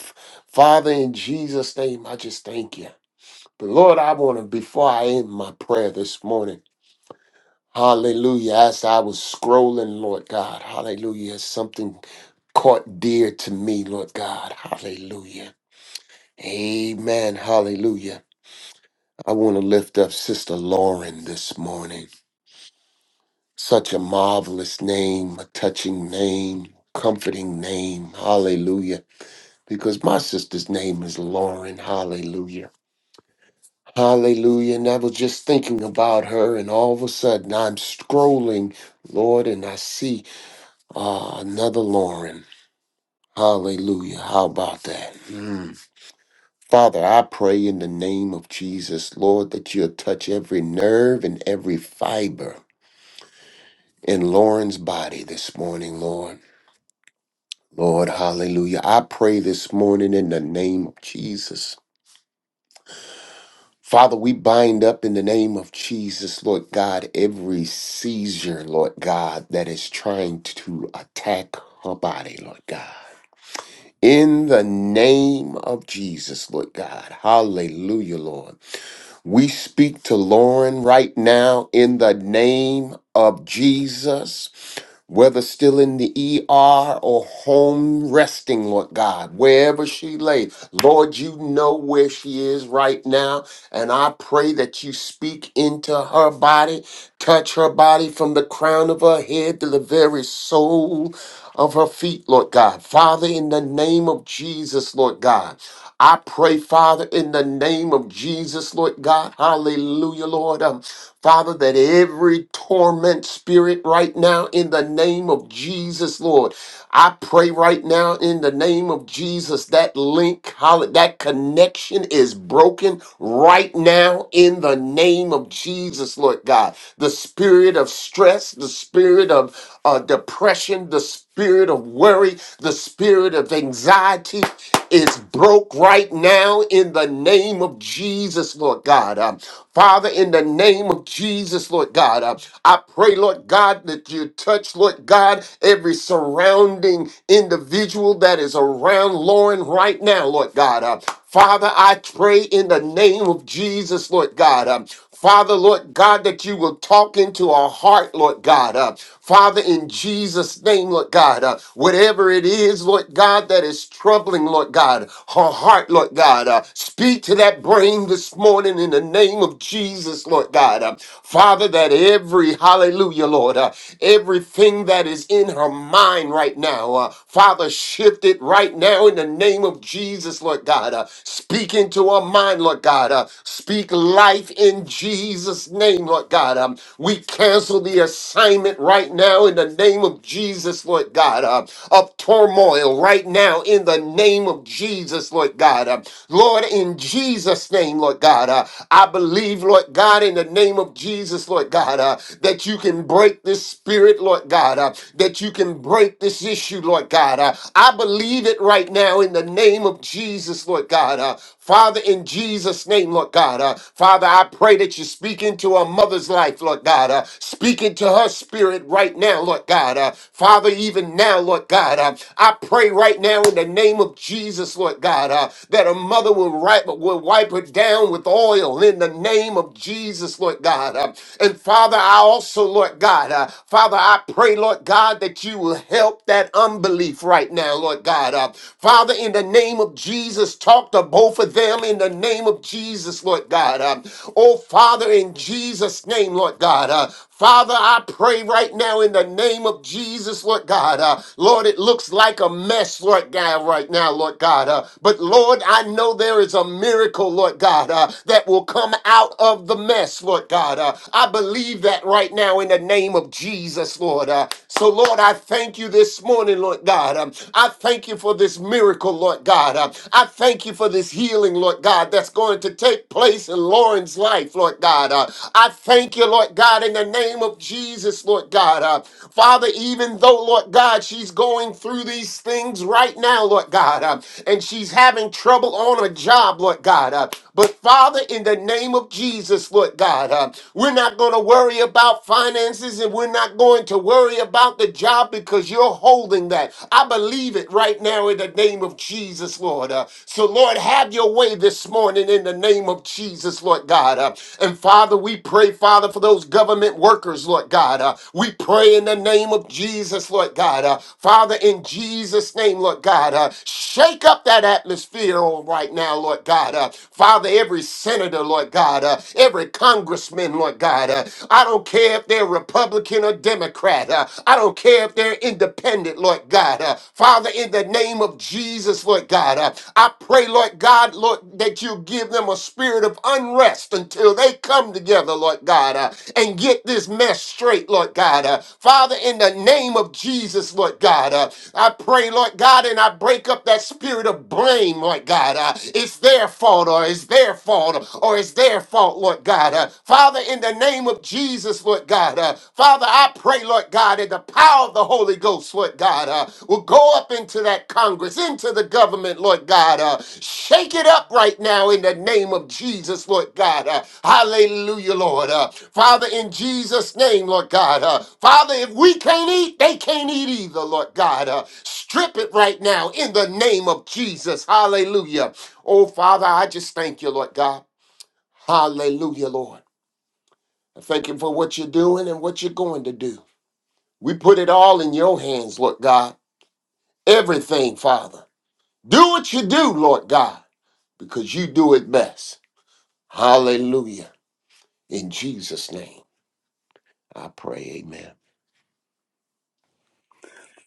S5: Father, in Jesus' name, I just thank you. But Lord, I want to, before I end my prayer this morning, hallelujah, as I was scrolling, Lord God, hallelujah, something caught dear to me, Lord God, hallelujah. Amen, hallelujah. I want to lift up Sister Lauren this morning. Such a marvelous name, a touching name, comforting name. Hallelujah. Because my sister's name is Lauren. Hallelujah. Hallelujah. And I was just thinking about her, and all of a sudden I'm scrolling, Lord, and I see uh, another Lauren. Hallelujah. How about that? Mm. Father, I pray in the name of Jesus, Lord, that you'll touch every nerve and every fiber. in Lauren's body this morning, Lord. Lord, hallelujah. I pray this morning in the name of Jesus. Father, we bind up in the name of Jesus, Lord God, every seizure, Lord God, that is trying to attack her body, Lord God. In the name of Jesus, Lord God. Hallelujah, Lord. We speak to Lauren right now in the name of Jesus. whether still in the ER or home resting, Lord God, wherever she lay. Lord, you know where she is right now. And I pray that you speak into her body, touch her body from the crown of her head to the very sole of her feet, Lord God. Father, in the name of Jesus, Lord God. I pray, Father, in the name of Jesus, Lord God. Hallelujah, Lord. Um, Father, that every torment spirit right now, in the name of Jesus, Lord, I pray right now in the name of Jesus that link, holla- that connection is broken right now in the name of Jesus, Lord God. The spirit of stress, the spirit of uh, depression, the spirit of worry, the spirit of anxiety is broke right now in the name of Jesus, Lord God. Um, Father, in the name of Jesus, Lord God, uh, I pray, Lord God, that you touch, Lord God, every surrounding individual that is around Lauren right now, Lord God. uh, Father, I pray in the name of Jesus, Lord God. um, Father, Lord God, that you will talk into our heart, Lord God. Uh, Father, in Jesus' name, Lord God, uh, whatever it is, Lord God, that is troubling, Lord God, her heart, Lord God, uh, speak to that brain this morning in the name of Jesus, Lord God. Uh, Father, that every, hallelujah, Lord, uh, everything that is in her mind right now, uh, Father, shift it right now in the name of Jesus, Lord God. Uh, speak into her mind, Lord mind, Lord God. Uh, speak life in Jesus' name, Lord God. Um, we cancel the assignment right now in the name of Jesus, Lord God. Uh, of turmoil right now in the name of Jesus, Lord God. Uh, Lord, in Jesus' name, Lord God. Uh, I believe, Lord God, in the name of Jesus, Lord God, uh, that you can break this spirit, Lord God, uh, that you can break this issue, Lord God. uh, I believe it right now in the name of Jesus, Lord God. uh, Father, in Jesus' name, Lord God, uh, Father, I pray that you speak into a mother's life, Lord God, uh, speak into her spirit right now, Lord God, uh, Father, even now, Lord God, uh, I pray right now in the name of Jesus, Lord God, uh, that a mother will, ri- will wipe her down with oil in the name of Jesus, Lord God, uh, and Father, I also, Lord God, uh, Father, I pray, Lord God, that you will help that unbelief right now, Lord God, uh, Father, in the name of Jesus, talk to both of them in the name of Jesus, Lord God. Uh, oh, Father, in Jesus' name, Lord God. Uh, Father, I pray right now in the name of Jesus, Lord God. Uh, Lord, it looks like a mess, Lord God, right now, Lord God. Uh, but Lord, I know there is a miracle, Lord God, uh, that will come out of the mess, Lord God. Uh, I believe that right now in the name of Jesus, Lord. Uh, so, Lord, I thank you this morning this morning, Lord God. Um, I thank you for this miracle, Lord God. Um, I thank you for this healing, Lord God, that's going to take place in Lauren's life, Lord God. Uh, I thank you, Lord God, in the name of Jesus, Lord God. Uh, Father, even though, Lord God, she's going through these things right now, Lord God, uh, and she's having trouble on a job, Lord God. Uh, but Father, in the name of Jesus, Lord God, uh, we're not going to worry about finances and we're not not going to worry about the job because you're holding that. I believe it right now in the name of Jesus, Lord. Uh, so, Lord, have your way this morning in the name of Jesus, Lord God. Uh, and Father, we pray, Father, for those government workers, Lord God. Uh, we pray in the name of Jesus, Lord God. Uh, Father, in Jesus' name, Lord God, uh, shake up that atmosphere on right now, Lord God. Uh, Father, every senator, Lord God, uh, every congressman, Lord God. God. Uh, I don't care if they're Republican or Democrat. Uh, I don't care if they're independent, Lord God. Uh, Father, in the name of Jesus, Lord God, uh, I pray, Lord God, Lord, that you give them a spirit of unrest until they come together, Lord God, uh, and get this mess straight, Lord God. Uh, Father, in the name of Jesus, Lord God, uh, I pray, Lord God, and I break up that spirit of blame, Lord God. Uh, it's their fault or it's their fault or it's their fault, Lord God. Uh, Father, in the name of Jesus, Lord God, uh, Father, I pray, Lord God, that the power of the Holy Ghost, Lord God, uh, will go up into that Congress, into the government, Lord God. Uh, shake it up right now in the name of Jesus, Lord God. Uh, hallelujah, Lord. Uh, Father, in Jesus' name, Lord God. Uh, Father, if we can't eat, they can't eat either, Lord God. Uh, strip it right now in the name of Jesus. Hallelujah. Oh, Father, I just thank you, Lord God. Hallelujah, Lord. I thank you for what you're doing and what you're going to do. We put it all in your hands, Lord God. Everything, Father. Do what you do, Lord God, because you do it best. Hallelujah. In Jesus' name, I pray, amen.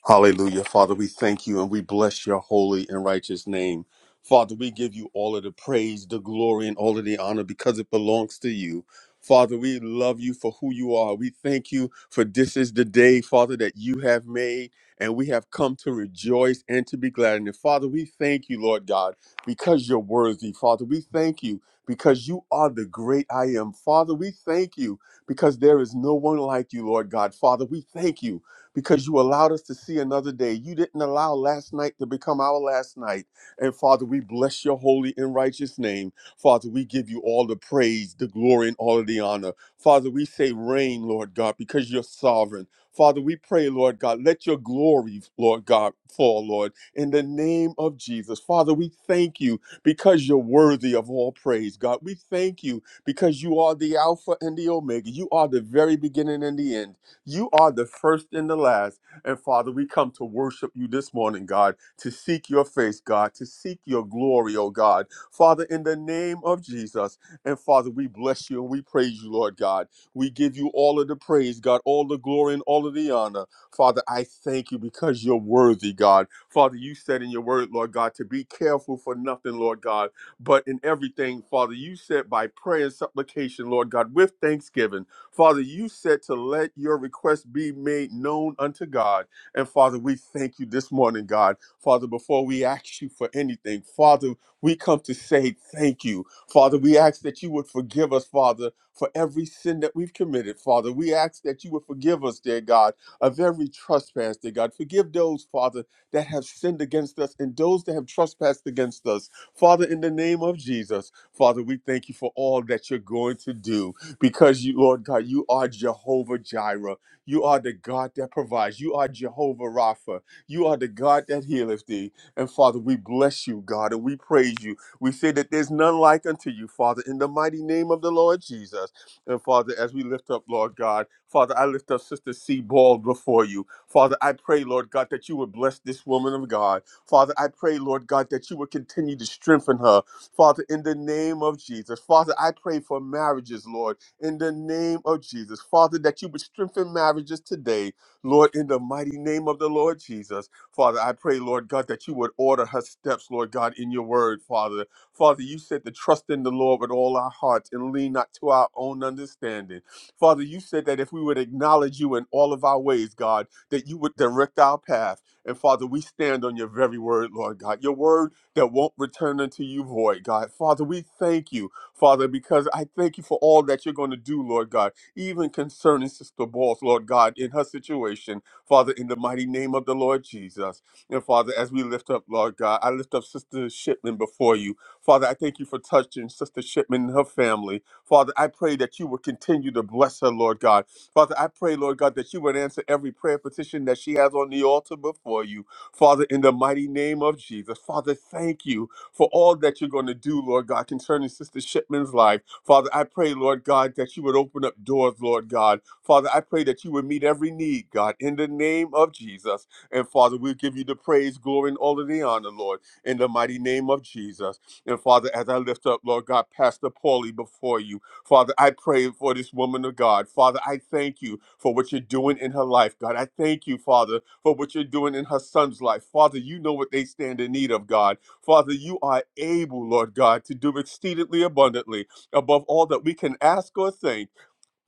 S1: Hallelujah. Father, we thank you and we bless your holy and righteous name. Father, we give you all of the praise, the glory, and all of the honor because it belongs to you. Father, we love you for who you are. We thank you for this is the day, Father, that you have made, and we have come to rejoice and to be glad in it. Father, we thank you, Lord God, because you're worthy. Father, we thank you because you are the great I am. Father, we thank you because there is no one like you, Lord God. Father, we thank you because you allowed us to see another day. You didn't allow last night to become our last night. And Father, we bless your holy and righteous name. Father, we give you all the praise, the glory, and all of the honor. Father, we say, Reign, Lord God, because you're sovereign. Father, we pray, Lord God, let your glory, Lord God, fall, Lord, in the name of Jesus. Father, we thank you because you're worthy of all praise, God. We thank you because you are the Alpha and the Omega. You are the very beginning and the end. You are the first and the last. And Father, we come to worship you this morning, God, to seek your face, God, to seek your glory, oh God. Father, in the name of Jesus. And Father, we bless you and we praise you, Lord God. We give you all of the praise, God, all the glory and all of the honor. Father, I thank you because you're worthy, God. Father, you said in your word, Lord God, to be careful for nothing, Lord God, but in everything, Father, you said by prayer and supplication, Lord God, with thanksgiving. Father, you said to let your request be made known unto God. And Father, we thank you this morning, God. Father, before we ask you for anything, Father, we come to say thank you. Father, we ask that you would forgive us, Father, for every sin that we've committed, Father. We ask that you would forgive us, dear God, of every trespass, dear God. Forgive those, Father, that have sinned against us and those that have trespassed against us. Father, in the name of Jesus, Father, we thank you for all that you're going to do because you, Lord God, you are Jehovah Jireh. You are the God that provides. You are Jehovah Rapha. You are the God that healeth thee. And Father, we bless you, God, and we praise you. We say that there's none like unto you, Father, in the mighty name of the Lord Jesus. And Father, as we lift up, Lord God, Father, I lift up Sister C. Ball before you. Father, I pray, Lord God, that you would bless this woman of God. Father, I pray, Lord God, that you would continue to strengthen her. Father, in the name of Jesus. Father, I pray for marriages, Lord in the name of Jesus. Father, that you would strengthen marriages today, Lord, in the mighty name of the Lord Jesus. Father, I pray, Lord God, that you would order her steps, Lord God, in your word, Father. Father, you said to trust in the Lord with all our hearts and lean not to our own understanding. Father, you said that if we would acknowledge you in all of our ways, God, that you would direct our path. And Father, we stand on your very word, Lord God, your word that won't return unto you void, God. Father, we thank you Father, because I thank you for all that you're going to do, Lord God, even concerning Sister Balls, Lord God, in her situation, Father, in the mighty name of the Lord Jesus. And Father, as we lift up, Lord God, I lift up Sister Shipman before you. Father, I thank you for touching Sister Shipman and her family. Father, I pray that you would continue to bless her, Lord God. Father, I pray, Lord God, that you would answer every prayer petition that she has on the altar before you. Father, in the mighty name of Jesus. Father, thank you for all that you're going to do, Lord God, concerning Sister Shipman's life. Father, I pray, Lord God, that you would open up doors, Lord God. Father, I pray that you would meet every need, God, in the name of Jesus. And Father, we give you the praise, glory, and all of the honor, Lord, in the mighty name of Jesus. And Father, as I lift up, Lord God, Pastor Paulie before you, Father, I pray for this woman of God. Father, I thank you for what you're doing in her life, God. I thank you, Father, for what you're doing in her son's life. Father, you know what they stand in need of, God. Father, you are able, Lord God, to do exceedingly abundantly above all that we can ask or think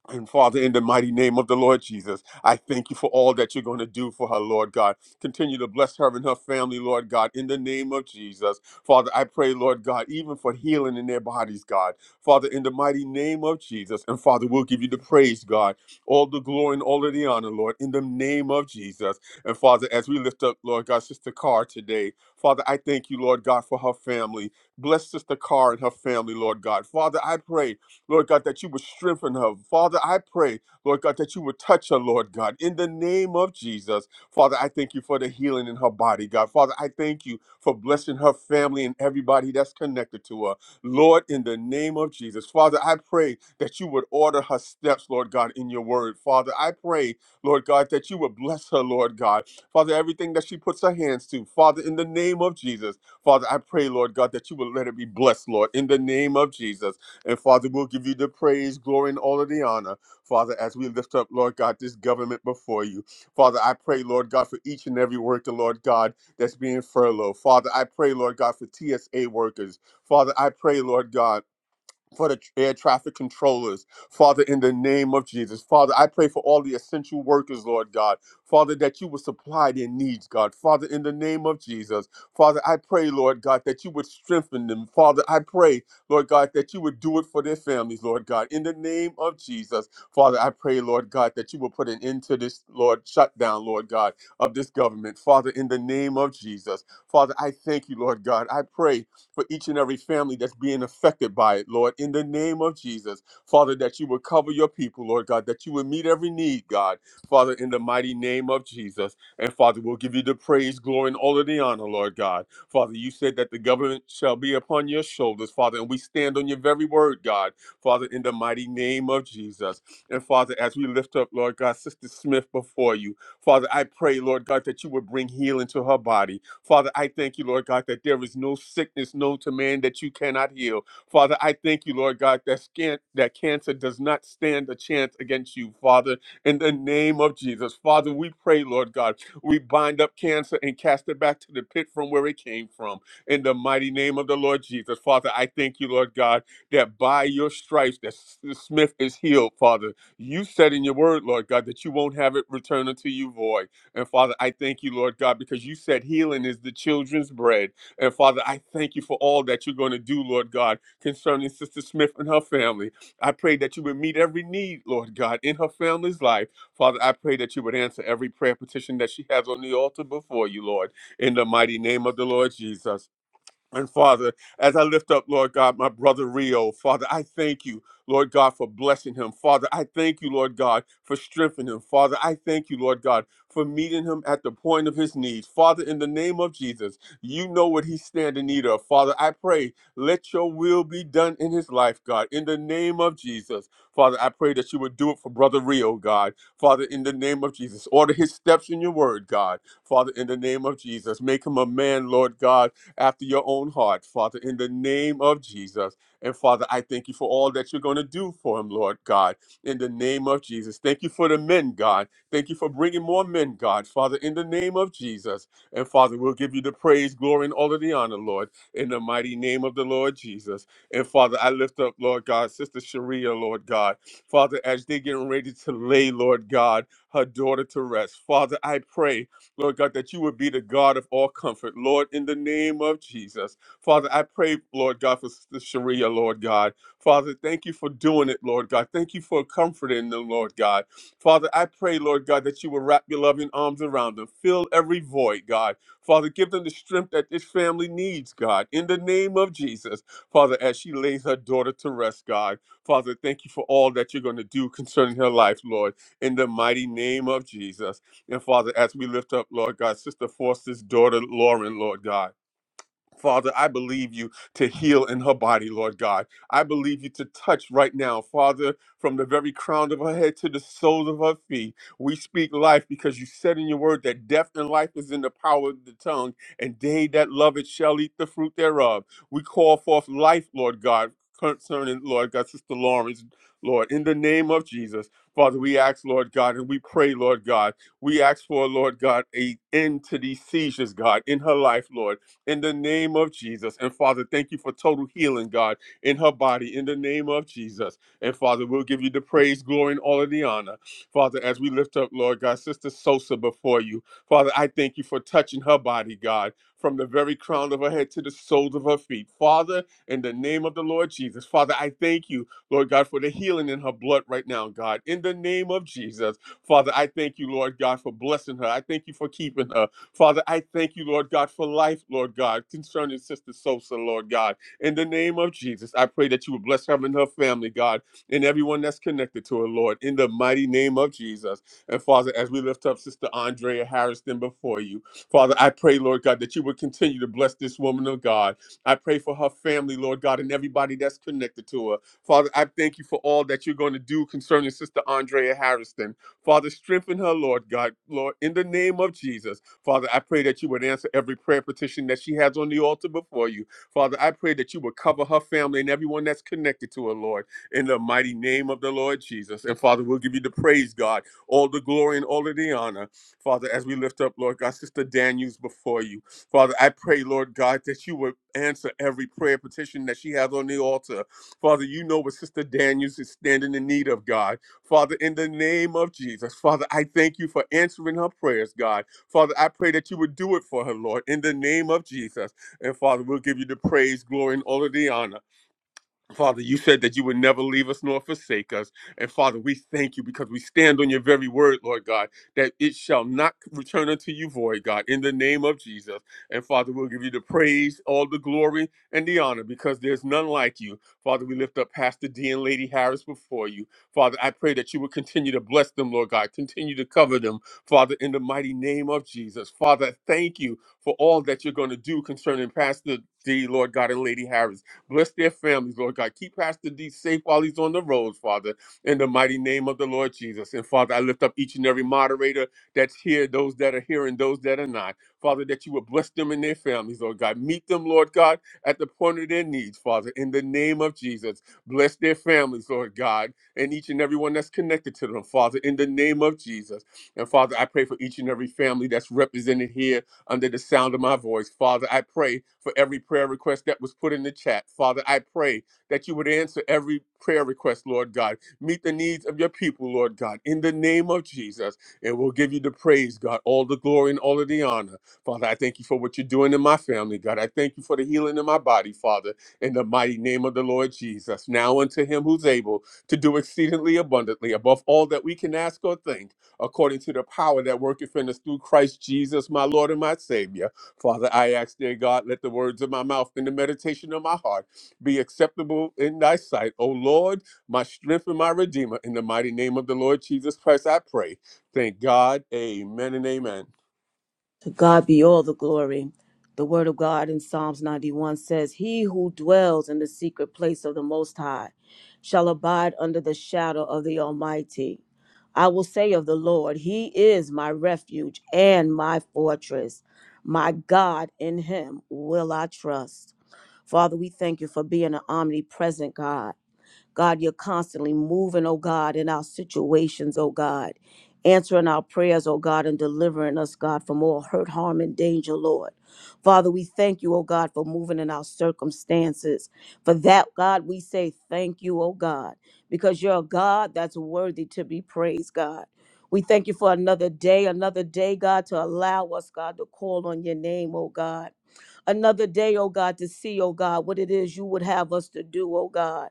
S1: and Father, in the mighty name of the Lord Jesus, I thank you for all that you're going to do for her, Lord God. Continue to bless her and her family, Lord God, in the name of Jesus. Father, I pray, Lord God, even for healing in their bodies, God. Father, in the mighty name of Jesus. And Father, we'll give you the praise, God, all the glory and all of the honor, Lord, in the name of Jesus. And Father, as we lift up, Lord God, Sister Carr today, Father, I thank you, Lord God, for her family. Bless Sister Carr and her family, Lord God. Father, I pray. Lord God, that you would strengthen her. Father, I pray, Lord God, that you would touch her, Lord God, in the name of Jesus. Father, I thank you for the healing in her body, God. Father, I thank you for blessing her family and everybody that's connected to her. Lord, in the name of Jesus. Father, I pray that you would order her steps, Lord God, in your word. Father, I pray, Lord God, that you would bless her, Lord God. Father, everything that she puts her hands to, Father, in the name of Jesus. Father, I pray, Lord God, that you would let her be blessed, Lord, in the name of Jesus. And Father, we'll give you the praise, glory, and all of the honor. Father, as we lift up, Lord God, this government before you. Father, I pray, Lord God, for each and every worker, Lord God, that's being furloughed. Father, I pray, Lord God, for TSA workers. Father, I pray, Lord God for the air traffic controllers, Father, in the name of Jesus. Father, I pray for all the essential workers, Lord God. Father, that you would supply their needs, God. Father, in the name of Jesus. Father, I pray, Lord God, that you would strengthen them. Father, I pray, Lord God, that you would do it for their families, Lord God. In the name of Jesus. Father, I pray, Lord God, that you would put an end to this, Lord, shutdown, Lord God, of this government. Father, in the name of Jesus. Father, I thank you, Lord God. I pray for each and every family that's being affected by it, Lord, in the name of Jesus. Father, that you would cover your people, Lord God, that you would meet every need, God, Father, in the mighty name of Jesus. And Father, we'll give you the praise, glory, and all of the honor, Lord God. Father, you said that the government shall be upon your shoulders, Father, and we stand on your very word, God, Father, in the mighty name of Jesus. And Father, as we lift up, Lord God, Sister Smith before you, Father, I pray, Lord God, that you would bring healing to her body. Father, I thank you, Lord God, that there is no sickness known to man that you cannot heal. Father, I thank you, Lord God, that scan- that cancer does not stand a chance against you, Father, in the name of Jesus. Father, we pray, Lord God, we bind up cancer and cast it back to the pit from where it came from. In the mighty name of the Lord Jesus. Father, I thank you, Lord God, that by your stripes that S- Smith is healed, Father. You said in your word, Lord God, that you won't have it return unto you void. And Father, I thank you, Lord God, because you said healing is the children's bread. And Father, I thank you for all that you're going to do, Lord God, concerning Sister Smith and her family. I pray that you would meet every need, Lord God, in her family's life. Father, I pray that you would answer every prayer petition that she has on the altar before you, Lord, in the mighty name of the Lord Jesus. And Father, as I lift up, Lord God, my brother Rio, Father, I thank you, Lord God, for blessing him. Father, I thank you, Lord God, for strengthening him. Father, I thank you, Lord God, for meeting him at the point of his needs. Father, in the name of Jesus, you know what he stand in need of. Father, I pray, let your will be done in his life, God. In the name of Jesus, Father, I pray that you would do it for brother Rio, God. Father, in the name of Jesus, order his steps in your word, God. Father, in the name of Jesus, make him a man, Lord God after your own heart, Father, in the name of Jesus. And Father, I thank you for all that you're going to do for him, Lord God, in the name of Jesus. Thank you for the men, God. Thank you for bringing more men, God, Father, in the name of Jesus. And Father, we'll give you the praise, glory, and all of the honor, Lord, in the mighty name of the Lord Jesus. And Father, I lift up, Lord God, Sister Sharia, Lord God. Father, as they're getting ready to lay, Lord God, her daughter to rest, Father, I pray. Lord God, that you would be the God of all comfort, Lord, in the name of Jesus. Father, I pray, Lord God, for Sister Sharia, Lord God. Father, thank you for doing it, Lord God. Thank you for comforting them, Lord God. Father, I pray, Lord God, that you will wrap your loving arms around them. Fill every void, God. Father, give them the strength that this family needs, God, in the name of Jesus. Father, as she lays her daughter to rest, God. Father, thank you for all that you're going to do concerning her life, Lord, in the mighty name of Jesus. And Father, as we lift up, Lord God, Sister Foster's daughter, Lauren, Lord God. Father, I believe you to heal in her body, Lord God. I believe you to touch right now, Father, from the very crown of her head to the soles of her feet. We speak life because you said in your word that death and life is in the power of the tongue, and they that love it shall eat the fruit thereof. We call forth life, Lord God, concerning, Lord God, Sister Lawrence, Lord, in the name of Jesus. Father, we ask, Lord God, and we pray, Lord God. We ask for, Lord God, a end to these seizures, God, in her life, Lord in the name of Jesus. And Father, thank you for total healing, God, in her body in the name of Jesus. And Father, we'll give you the praise, glory, and all of the honor. Father, as we lift up, Lord God, Sister Sosa before you, Father, I thank you for touching her body, God, from the very crown of her head to the soles of her feet. Father, in the name of the Lord Jesus, Father, I thank you, Lord God, for the healing in her blood right now, God, in the name of Jesus. Father, I thank you, Lord God, for blessing her. I thank you for keeping her. Father, I thank you, Lord God, for life, Lord God, concerning Sister Sosa, Lord God. In the name of Jesus, I pray that you would bless her and her family, God, and everyone that's connected to her, Lord, in the mighty name of Jesus. And Father, as we lift up Sister Andrea Harrison before you, Father, I pray, Lord God, that you would continue to bless this woman of God. I pray for her family, Lord God, and everybody that's connected to her. Father, I thank you for all that you're going to do concerning Sister Andrea Harrison. Father, strengthen her, Lord God, Lord, in the name of Jesus. Father, I pray that you would answer every prayer petition that she has on the altar before you. Father, I pray that you would cover her family and everyone that's connected to her, Lord, in the mighty name of the Lord Jesus. And Father, we'll give you the praise, God, all the glory and all of the honor. Father, as we lift up, Lord God, Sister Daniels before you. Father, I pray, Lord God, that you would answer every prayer petition that she has on the altar. Father, you know what Sister Daniels is standing in need of, God. Father, in the name of Jesus, Father, I thank you for answering her prayers, God. Father, I pray that you would do it for her, Lord, in the name of Jesus. And Father, we'll give you the praise, glory, and all of the honor. Father, you said that you would never leave us nor forsake us. And Father, we thank you because we stand on your very word, Lord God, that it shall not return unto you void, God, in the name of Jesus. And Father, we'll give you the praise, all the glory, and the honor because there's none like you. Father, we lift up Pastor D and Lady Harris before you. Father, I pray that you would continue to bless them, Lord God, continue to cover them, Father, in the mighty name of Jesus. Father, thank you for all that you're going to do concerning Pastor D, Lord God, and Lady Harris. Bless their families, Lord God. Keep Pastor D safe while he's on the roads, Father, in the mighty name of the Lord Jesus. And Father, I lift up each and every moderator that's here, those that are here and those that are not. Father, that you would bless them and their families, Lord God. Meet them, Lord God, at the point of their needs, Father, in the name of Jesus. Bless their families, Lord God, and each and every one that's connected to them, Father, in the name of Jesus. And Father, I pray for each and every family that's represented here under the sound of my voice. Father, I pray for every prayer request that was put in the chat. Father, I pray that you would answer every prayer request, Lord God. Meet the needs of your people, Lord God, in the name of Jesus. And we'll give you the praise, God, all the glory and all of the honor. Father, I thank you for what you're doing in my family, God. I thank you for the healing in my body, Father, in the mighty name of the Lord Jesus. Now unto him who's able to do exceedingly abundantly above all that we can ask or think according to the power that worketh in us through Christ Jesus, my Lord and my Savior. Father, I ask, dear God, let the words of my mouth and the meditation of my heart be acceptable in thy sight. O Lord, my strength and my redeemer, in the mighty name of the Lord Jesus Christ, I pray. Thank God. Amen and amen.
S3: To God be all the glory. The word of God in Psalms 91 says, He who dwells in the secret place of the Most High shall abide under the shadow of the Almighty. I will say of the Lord, He is my refuge and my fortress. My God, in Him will I trust. Father, we thank you for being an omnipresent God. God, you're constantly moving, oh God, in our situations, oh God, answering our prayers, oh God, and delivering us, God, from all hurt, harm, and danger, Lord. Father, we thank you, oh God, for moving in our circumstances. For that, God, we say thank you, oh God, because you're a God that's worthy to be praised, God. We thank you for another day, another day, God, to allow us, God, to call on your name, oh God. Another day, oh God, to see, oh God, what it is you would have us to do, oh God.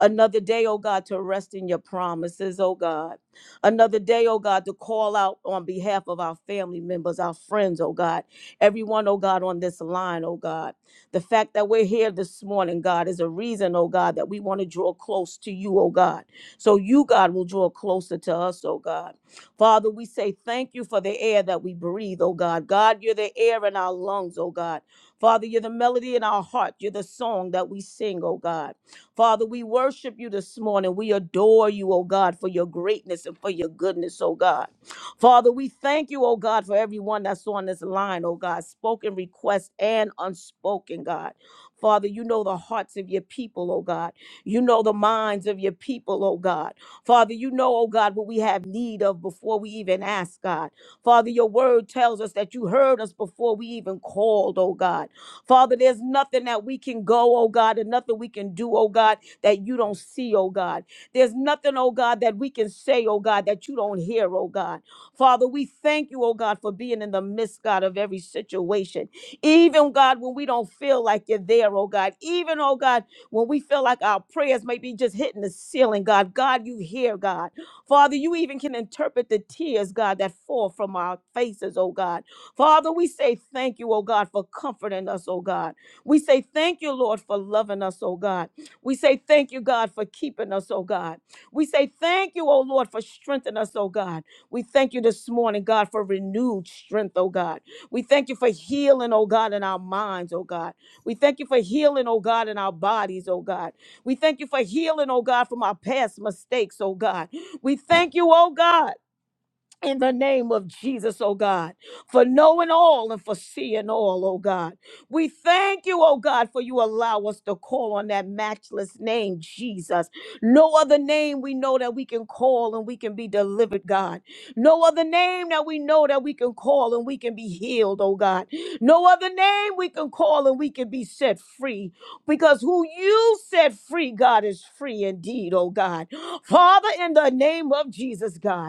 S3: Another day, oh God, to rest in your promises, oh God. Another day, oh God, to call out on behalf of our family members, our friends, oh God. Everyone, oh God, on this line, oh God. The fact that we're here this morning, God, is a reason, oh God, that we want to draw close to you, oh God. So you, God, will draw closer to us, oh God. Father, we say thank you for the air that we breathe, oh God. God, you're the air in our lungs, oh God. Father, you're the melody in our heart. You're the song that we sing, oh God. Father, we worship you this morning. We adore you, oh God, for your greatness and for your goodness, oh God. Father, we thank you, oh God, for everyone that's on this line, oh God, spoken request and unspoken, God. Father, you know the hearts of your people, oh God. You know the minds of your people, oh God. Father, you know, oh God, what we have need of before we even ask, God. Father, your word tells us that you heard us before we even called, oh God. Father, there's nothing that we can go, oh God, and nothing we can do, oh God, that you don't see, oh God. There's nothing, oh God, that we can say, oh God, that you don't hear, oh God. Father, we thank you, oh God, for being in the midst, God, of every situation. Even, God, when we don't feel like you're there, oh God. Even, oh God, when we feel like our prayers may be just hitting the ceiling, God. God, you hear, God. Father, you even can interpret the tears, God, that fall from our faces, oh God. Father, we say thank you, oh God, for comforting us, oh God. We say thank you, Lord, for loving us, oh God. We say thank you, God, for keeping us, oh God. We say thank you, oh Lord, for strengthening us, oh God. We thank you this morning, God, for renewed strength, oh God. We thank you for healing, oh God, in our minds, oh God. We thank you for healing, oh God, in our bodies, oh God. We thank you for healing, oh God, from our past mistakes, oh God. We thank you, oh God in the name of Jesus, oh God, for knowing all and for seeing all, oh God. We thank you, oh God, for you allow us to call on that matchless name, Jesus. No other name we know that we can call and we can be delivered, God. No other name that we know that we can call and we can be healed, oh God. No other name we can call and we can be set free because who you set free, God, is free indeed, oh God. Father, in the name of Jesus, God.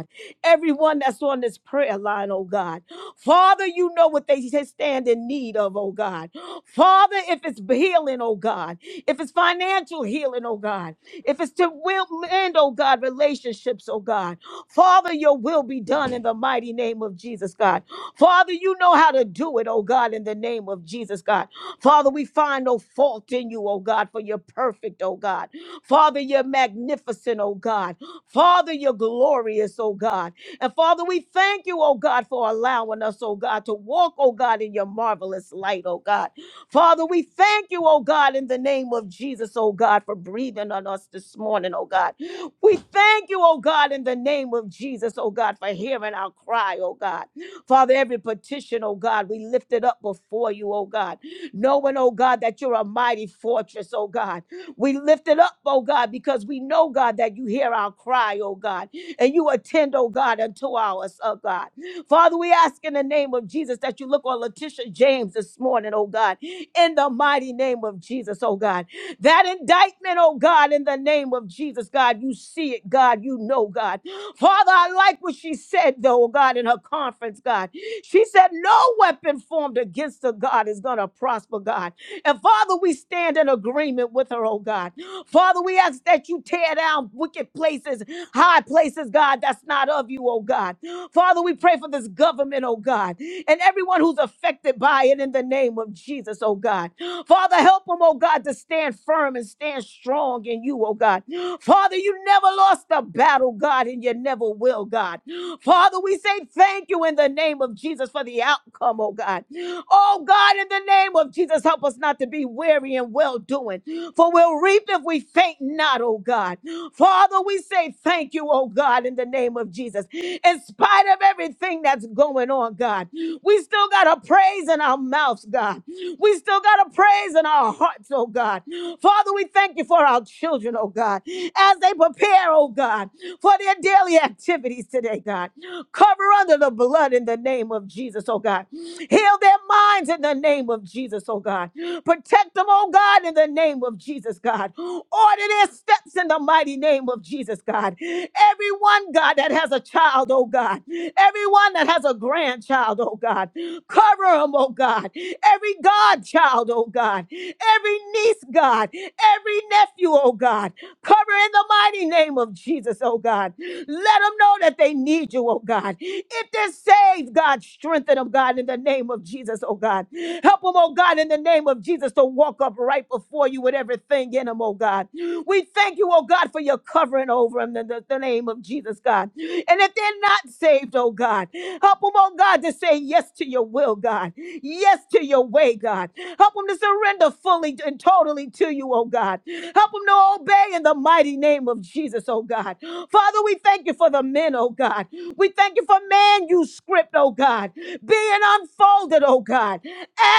S3: Everyone that's on this prayer line, oh God. Father, you know what they stand in need of, oh God. Father, if it's healing, oh God, if it's financial healing, oh God, if it's to will end, oh God, relationships, oh God. Father, your will be done in the mighty name of Jesus, God. Father, you know how to do it, oh God, in the name of Jesus, God. Father, we find no fault in you, oh God, for you're perfect, oh God. Father, you're magnificent, oh God. Father, you're glorious, oh God. And Father, we thank you, oh God, for allowing us, oh God, to walk, oh God, in your marvelous light, oh God. Father, we thank you, oh God, in the name of Jesus, oh God, for breathing on us this morning, oh God. We thank you, oh God, in the name of Jesus, oh God, for hearing our cry, oh God. Father, every petition, oh God, we lift it up before you, oh God knowing, oh God, that you're a mighty fortress, oh God. We lift it up, oh God, because we know, God, that you hear our cry, oh God, and you attend, oh God, unto ours, oh God. Father, we ask in the name of Jesus that you look on Letitia James this morning, oh God, in the mighty name of Jesus, oh God. That indictment, oh God, in the name of Jesus, God, you see it, God, you know, God. Father, I like what she said, though, oh God, in her conference, God. She said, No weapon formed against her, God, is going to prosper, God. And Father, we stand in agreement with her, oh God. Father, we ask that you tear down wicked places, high places, God, that's not of you, oh God. Father, we pray for this government, oh God, and everyone who's affected by it in the name of Jesus, oh God. Father, help them, oh God, to stand firm and stand strong in you, oh God. Father, you never lost a battle, God, and you never will, God. Father, we say thank you in the name of Jesus for the outcome, oh God. Oh God, in the name of Jesus, help us not to be weary and well doing, for we'll reap if we faint not, oh God. Father, we say thank you, oh God, in the name of Jesus. In spite of everything that's going on, God, we still got a praise in our mouths, God. We still got a praise in our hearts, oh God. Father, we thank you for our children, oh God, as they prepare, oh God, for their daily activities today, God. Cover under the blood in the name of Jesus, oh God. Heal their minds in the name of Jesus, oh God. Protect them, oh God, in the name of Jesus, God. Order their steps in the mighty name of Jesus, God. Everyone, God, that has a child, oh God. Everyone that has a grandchild, oh God. Cover them, oh God. Every godchild, oh God. Every niece, God. Every nephew, oh God. Cover in the mighty name of Jesus, oh God. Let them know that they need you, oh God. If they're saved, God, strengthen them, God, in the name of Jesus, oh God. Help them, oh God, in the name of Jesus, to walk up right before you with everything in them, oh God. We thank you, oh God, for your covering over them in the, the name of Jesus, God. And if they're not saved, oh God, God. Help them, oh God, to say yes to your will, God. Yes to your way, God. Help them to surrender fully and totally to you, oh God. Help them to obey in the mighty name of Jesus, oh God. Father, we thank you for the men, oh God. We thank you for man you script, oh God, being unfolded, oh God,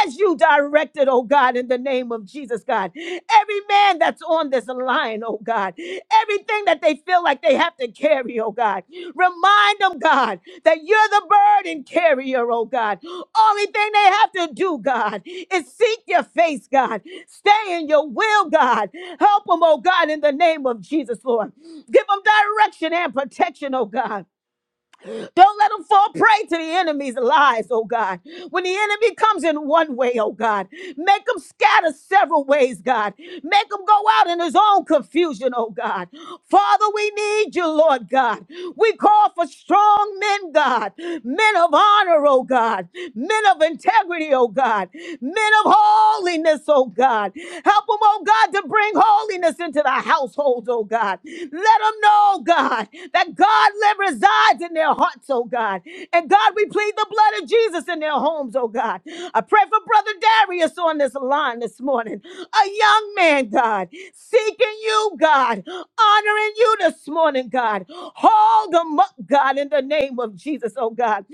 S3: as you directed, oh oh God, in the name of Jesus, God. Every man that's on this line, oh God, everything that they feel like they have to carry, oh God, remind them, God, that you're the burden carrier, oh God. Only thing they have to do, God, is seek your face, God. Stay in your will, God. Help them, oh God, in the name of Jesus, Lord. Give them direction and protection, oh God. Don't let them fall prey to the enemy's lies, oh God. When the enemy comes in one way, oh God, make them scatter several ways, God. Make them go out in his own confusion, oh God. Father, we need you, Lord God. We call for strong men, God, men of honor, oh God men of integrity, oh God, men of holiness, oh God. Help them, oh God, to bring holiness into the households, oh God. Let them know, God, that God live resides in their hearts, oh God. And God, we plead the blood of Jesus in their homes, oh God. I pray for Brother Darius on this line this morning, a young man, God, seeking you, God, honoring you this morning, God. Hold them up, God, in the name of Jesus, oh God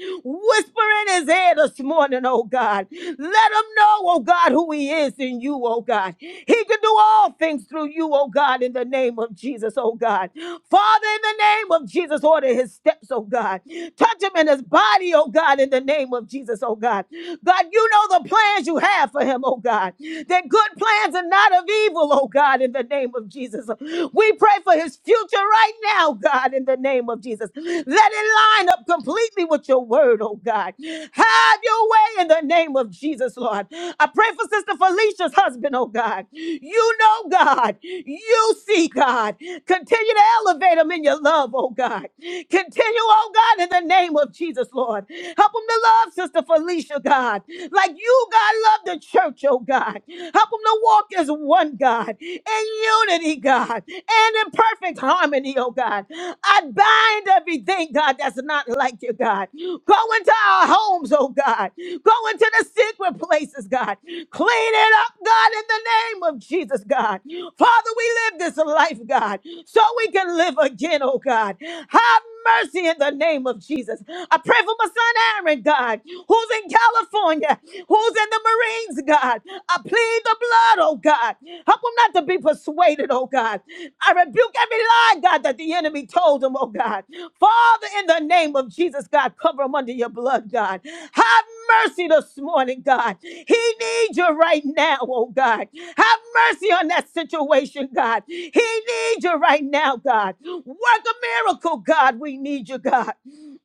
S3: whisper in his ear this morning, oh God. Let him know, oh God, who he is in you, oh God. He can do all things through you, oh God, in the name of Jesus, oh God. Father, in the name of Jesus, order his steps, oh God. Touch him in his body, oh God, in the name of Jesus, oh God. God, you know the plans you have for him, oh God. They're good plans and not of evil, oh God, in the name of Jesus. We pray for his future right now, God, in the name of Jesus. Let it line up completely me with your word, oh God. Have your way in the name of Jesus, Lord. I pray for Sister Felicia's husband, oh God. You know, God. You see, God. Continue to elevate him in your love, oh God. Continue, oh God, in the name of Jesus, Lord. Help him to love Sister Felicia, God. Like you, God, love the church, oh God. Help him to walk as one, God, in unity, God, and in perfect harmony, oh God. I bind everything, God, that's not like you, God. Go into our homes, oh God. Go into the secret places, God. Clean it up, God, in the name of Jesus, God. Father, we live this life, God, so we can live again, oh God. Have mercy in the name of Jesus. I pray for my son Aaron, God, who's in California, who's in the Marines, God. I plead the blood, oh God. Help him not to be persuaded, oh God. I rebuke every lie, God, that the enemy told him, oh God. Father, in the name of Jesus, God, cover them under your blood, God. Have mercy this morning, God. He needs you right now, oh God. Have mercy on that situation, God. He needs you right now, God. Work a miracle, God. We need you, God.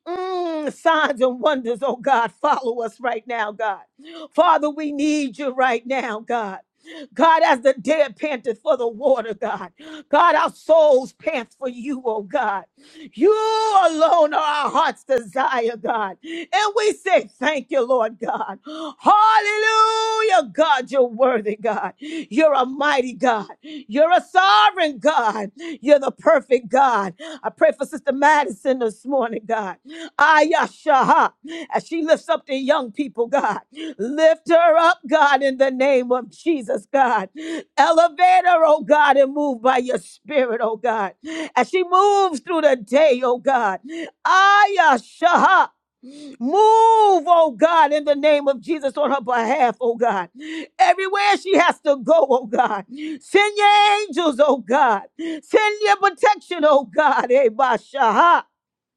S3: Mm, signs and wonders, oh God, follow us right now, God. Father, we need you right now, God. God, as the dead panted for the water, God. God, our souls pant for you, oh God. You alone are our heart's desire, God. And we say thank you, Lord God. Hallelujah, God. You're worthy, God. You're a mighty God. You're a sovereign God. You're the perfect God. I pray for Sister Madison this morning, God. Ayashaha. As she lifts up the young people, God. Lift her up, God, in the name of Jesus, God. Elevate her, oh God, and move by your spirit, oh God as she moves through the day, oh God. Aya Shaha. Move, oh God, in the name of Jesus on her behalf, oh God. Everywhere she has to go, oh God. Send your angels, oh God. Send your protection, oh God. Eh, Bashaha.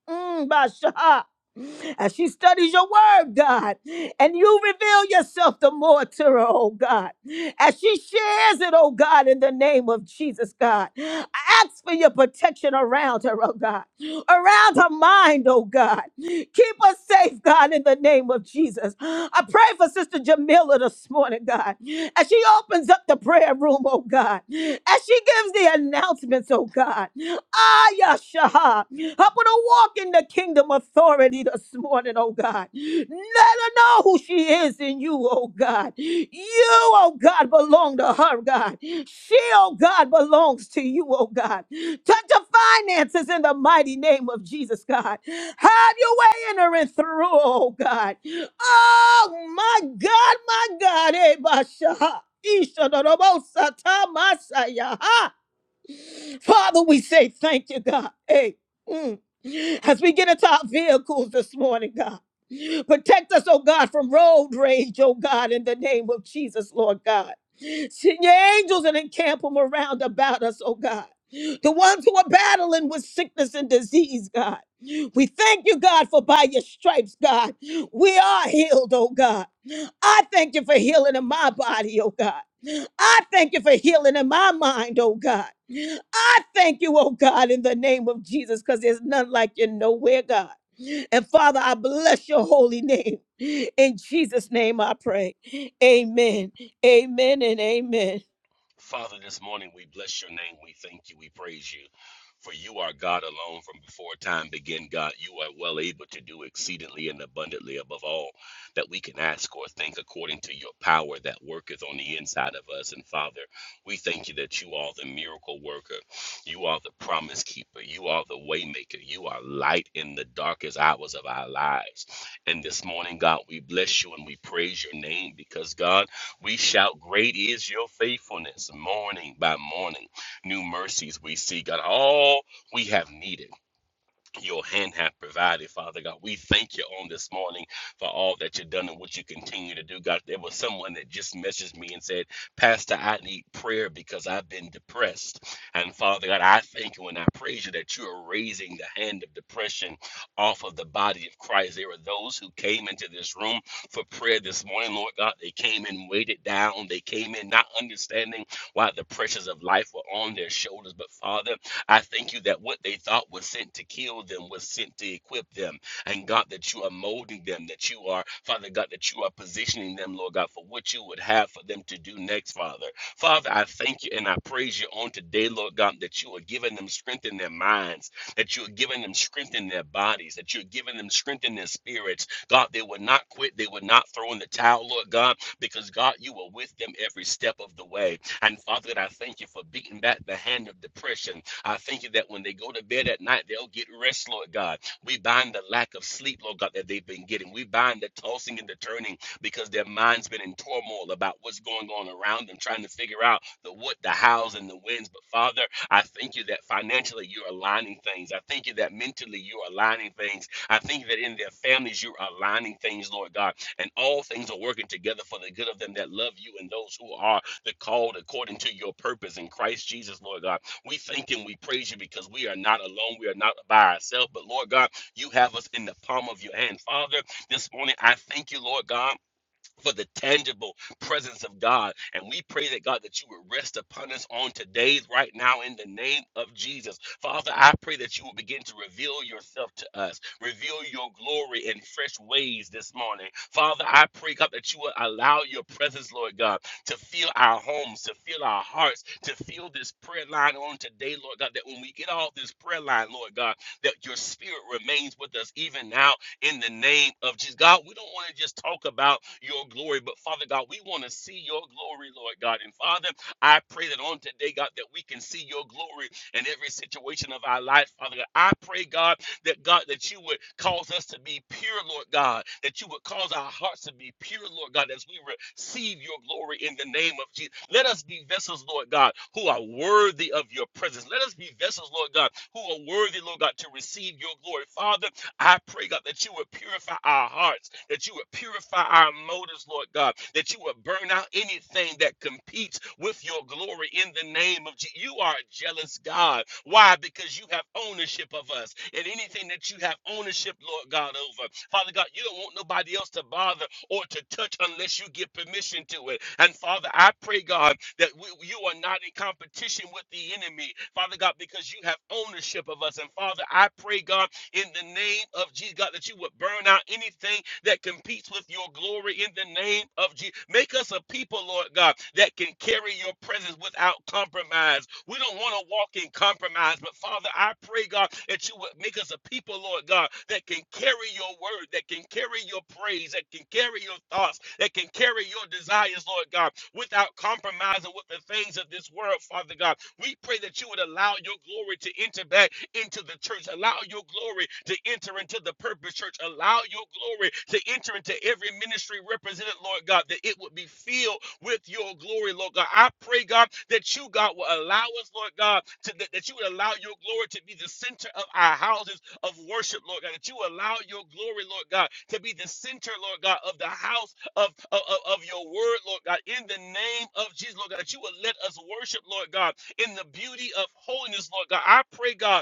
S3: Mm, Bashaha. As she studies your word, God, and you reveal yourself the more to her, oh God. As she shares it, oh God, in the name of Jesus, God. I ask for your protection around her, oh God. Around her mind, oh God. Keep her safe, God, in the name of Jesus. I pray for Sister Jamila this morning, God. As she opens up the prayer room, oh God. As she gives the announcements, oh God. Ayasha. Help her to walk in the kingdom authority this morning, oh God. Let her know who she is in you, oh God. You, oh God, belong to her, God. She, oh God, belongs to you, oh God. Touch her finances in the mighty name of Jesus, God. Have your way in her and through, oh God. Oh my God, my God, eh, Basha. Isha, Dorobo, Masaya. Father, we say thank you, God. Hey, mm. as we get into our vehicles this morning, God. Protect us, oh God, from road rage, oh God, in the name of Jesus, Lord God. Send your angels and encamp them around about us, oh God. The ones who are battling with sickness and disease, God. We thank you, God, for by your stripes, God, we are healed, oh God. I thank you for healing in my body, oh God. I thank you for healing in my mind, oh God. I thank you, oh God, in the name of Jesus, because there's none like you nowhere, God. And Father, I bless your holy name. In Jesus' name I pray. Amen. Amen and amen.
S4: Father, this morning we bless your name. We thank you. We praise you. For you are God alone from before time began, God. You are well able to do exceedingly and abundantly above all that we can ask or think according to your power that worketh on the inside of us. And Father, we thank you that you are the miracle worker. You are the promise keeper. You are the way maker. You are light in the darkest hours of our lives. And this morning, God, we bless you and we praise your name because, God, we shout, Great is your faithfulness, morning by morning. New mercies we see, God, all we have needed your hand have provided, Father God. We thank you on this morning for all that you've done and what you continue to do, God. There was someone that just messaged me and said, Pastor, I need prayer because I've been depressed. And Father God, I thank you and I praise you that you are raising the hand of depression off of the body of Christ. There are those who came into this room for prayer this morning, Lord God. They came in weighted down. They came in not understanding why the pressures of life were on their shoulders. But Father, I thank you that what they thought was sent to kill them was sent to equip them. And God, that you are molding them, that you are, Father God, that you are positioning them, Lord God, for what you would have for them to do next, Father. Father, I thank you and I praise you on today, Lord God, that you are giving them strength in their minds, that you are giving them strength in their bodies, that you're giving them strength in their spirits. God, they would not quit, they would not throw in the towel, Lord God, because God, you are with them every step of the way. And Father, I thank you for beating back the hand of depression. I thank you that when they go to bed at night, they'll get rest, Lord God. We bind the lack of sleep, Lord God, that they've been getting. We bind the tossing and the turning because their mind's been in turmoil about what's going on around them, trying to figure out the what, the hows, and the whens. But Father, I thank you that financially you're aligning things. I thank you that mentally you're aligning things. I thank you that in their families you're aligning things, Lord God. And all things are working together for the good of them that love you and those who are the called according to your purpose in Christ Jesus, Lord God. We thank and we praise you because we are not alone. We are not by ourselves. But Lord God, you have us in the palm of your hand. Father, this morning I thank you, Lord God for the tangible presence of God. And we pray that God that you would rest upon us on today's right now, in the name of Jesus. Father, I pray that you will begin to reveal yourself to us, reveal your glory in fresh ways this morning. Father, I pray, God, that you will allow your presence, Lord God, to fill our homes, to fill our hearts, to fill this prayer line on today, Lord God, that when we get off this prayer line, Lord God, that your spirit remains with us even now in the name of Jesus. God, we don't want to just talk about your glory, but Father God, we want to see your glory, Lord God. And Father, I pray that on today, God, that we can see your glory in every situation of our life, Father God. I pray, God, that God, that you would cause us to be pure, Lord God, that you would cause our hearts to be pure, Lord God, as we receive your glory in the name of Jesus. Let us be vessels, Lord God, who are worthy of your presence. Let us be vessels, Lord God, who are worthy, Lord God, to receive your glory. Father, I pray, God, that you would purify our hearts, that you would purify our motives, Lord God, that you would burn out anything that competes with your glory in the name of Jesus. You are a jealous God. Why? Because you have ownership of us and anything that you have ownership, Lord God, over. Father God, you don't want nobody else to bother or to touch unless you give permission to it. And Father, I pray, God, that we, you are not in competition with the enemy, Father God, because you have ownership of us. And Father, I pray, God, in the name of Jesus, God, that you would burn out anything that competes with your glory in the name of Jesus. Make us a people, Lord God, that can carry your presence without compromise. We don't want to walk in compromise, but Father, I pray, God, that you would make us a people, Lord God, that can carry your word, that can carry your praise, that can carry your thoughts, that can carry your desires, Lord God, without compromising with the things of this world. Father God. We pray that you would allow your glory to enter back into the church. Allow your glory to enter into the purpose church. Allow your glory to enter into every ministry represented, Lord God, that it would be filled with your glory, Lord God. I pray, God, that you, God, will allow us, Lord God, to, that, that you would allow your glory to be the center of our houses of worship, Lord God. That you allow your glory, Lord God, to be the center, Lord God, of the house of, of, of your word, Lord God, in the name of Jesus, Lord God, that you would let us worship, Lord God, in the beauty of holiness, Lord God. I pray, God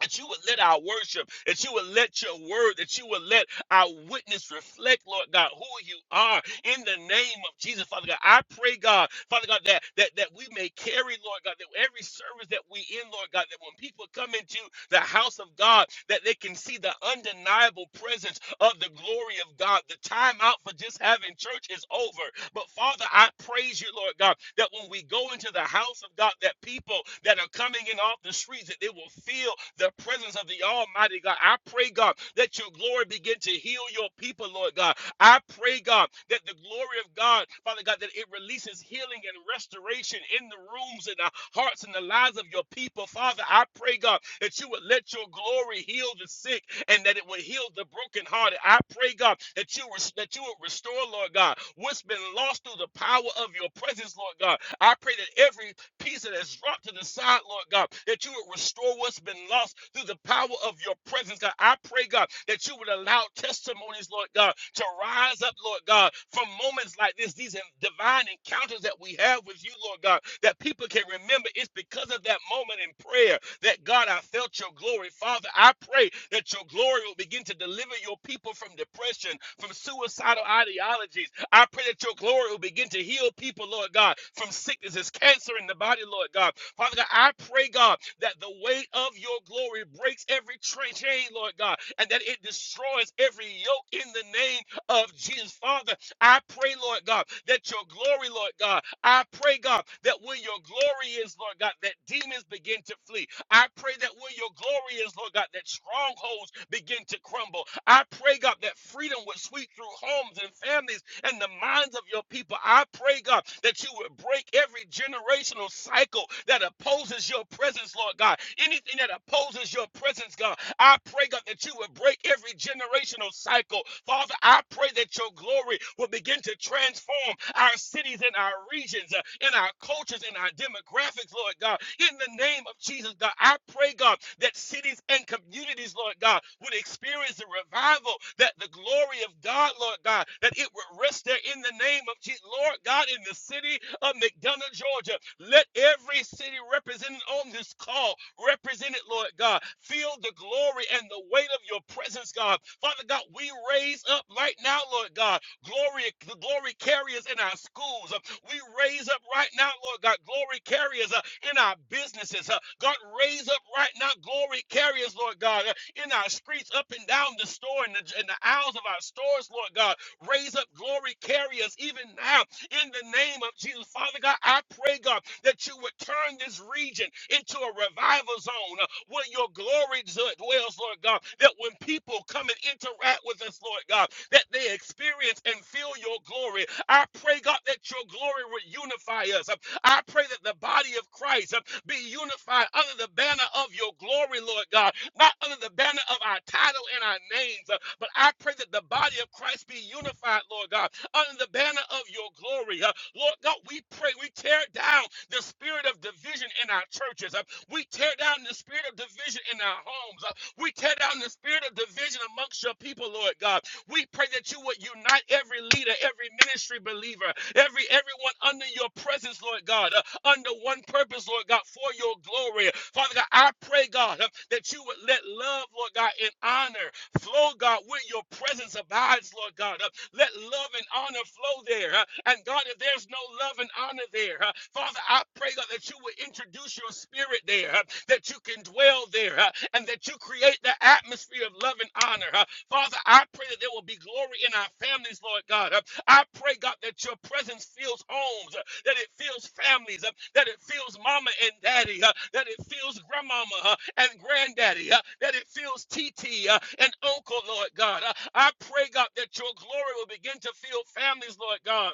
S4: that you would let our worship, that you would let your word, that you would let our witness reflect, Lord God, who you are in the name of Jesus, Father God. I pray, God, Father God, that that, that we may carry, Lord God, that every service that we in, Lord God, that when people come into the house of God, that they can see the undeniable presence of the glory of God. The time out for just having church is over. But Father, I praise you, Lord God, that when we go into the house of God, that people that are coming in off the streets, that they will feel the presence of the Almighty God. I pray, God, that your glory begin to heal your people, Lord God. I pray, God, that the glory of God, Father God, that it releases healing and restoration in the rooms and the hearts and the lives of your people. Father, I pray, God, that you would let your glory heal the sick and that it would heal the brokenhearted. I pray, God, that you that you would restore, Lord God, what's been lost through the power of your presence, Lord God. I pray that every peace that has dropped to the side, Lord God, that you would restore what's been lost through the power of your presence, God. I pray, God, that you would allow testimonies, Lord God, to rise up, Lord God, from moments like this, these divine encounters that we have with you, Lord God, that people can remember it's because of that moment in prayer that, God, I felt your glory. Father, I pray that your glory will begin to deliver your people from depression, from suicidal ideologies, I pray that your glory will begin to heal people, Lord God, from sicknesses, cancer in the body, Lord God. Father God, I pray, God, that the weight of your glory breaks every tra- chain, Lord God, and that it destroys every yoke in the name of Jesus. Father, I pray, Lord God, that your glory, Lord God, I pray, God, that where your glory is, Lord God, that demons begin to flee. I pray that where your glory is, Lord God, that strongholds begin to crumble. I pray, God, that freedom would sweep through homes and families and the minds of your people. I pray, God, that you would break every generational cycle that opposes your presence, Lord God. Anything that opposes your presence, God, I pray, God, that you would break every generational cycle. Father, I pray that your glory will begin to transform transform our cities and our regions, uh, and our cultures in our demographics, Lord God. In the name of Jesus, God, I pray, God, that cities and communities, Lord God, would experience the revival, that the glory of God, Lord God, that it would rest there in the name of Jesus. Lord God, in the city of McDonough, Georgia, let every city represented on this call, represented, Lord God, feel the glory and the weight of your presence, God. Father God, we raise up right now, Lord God, glory, glory carriers in our schools. Uh, We raise up right now, Lord God, glory carriers uh, in our businesses. Uh, God, raise up right now, glory carriers, Lord God, uh, in our streets, up and down the store and the, in the aisles of our stores, Lord God. Raise up glory carriers even now in the name of Jesus. Father God, I pray, God, that you would turn this region into a revival zone uh, where your glory dwells, Lord God. That when people come and interact with us, Lord God, that they experience and and feel your glory. I pray, God, that your glory would unify us. I pray that the body of Christ uh, be unified under the banner of your glory, Lord God, not under the banner of our title and our names, uh, but I pray that the body of Christ be unified, Lord God, under the banner of your glory. uh, Lord God, we pray, we tear down the spirit of division in our churches. uh, We tear down the spirit of division in our homes. We tear down the spirit of division amongst your people, Lord God. We pray that you would unite every leader, every ministry believer, every everyone under your presence, Lord God, uh, under one purpose, Lord God, for your glory. Father God, I pray, God, uh, that you would let love, Lord God, and honor flow, God, with your your presence abides, Lord God. Uh, Let love and honor flow there. Uh, And God, if there's no love and honor there, uh, Father, I pray, God, that you would introduce your spirit there, uh, that you can dwell there, uh, and that you create the atmosphere of love and honor. uh. Father, I pray that there will be glory in our families, Lord God. Uh, I pray, God, that your presence fills homes that it fills families, uh, that it fills mama and daddy, uh, that it fills grandmama uh, and granddaddy, uh, that it fills TT uh, and uncle, Lord God. Uh, I pray, God, that your glory will begin to fill families, Lord God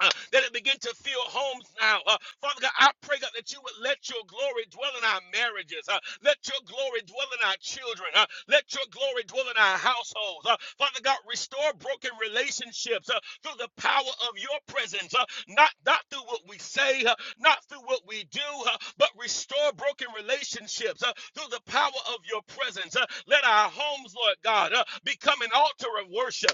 S4: uh, that it begin to fill homes now. Uh, Father God, I pray God that you would let your glory dwell in our marriages. Uh, let your glory dwell in our children. Uh, let your glory dwell in our households. Uh, Father God, restore broken relationships uh, through the power of your presence, uh, not, not through what we say, uh, not through what we do, uh, but restore broken relationships uh, through the power of your presence. Uh, let our homes, Lord God, uh, become an altar of worship.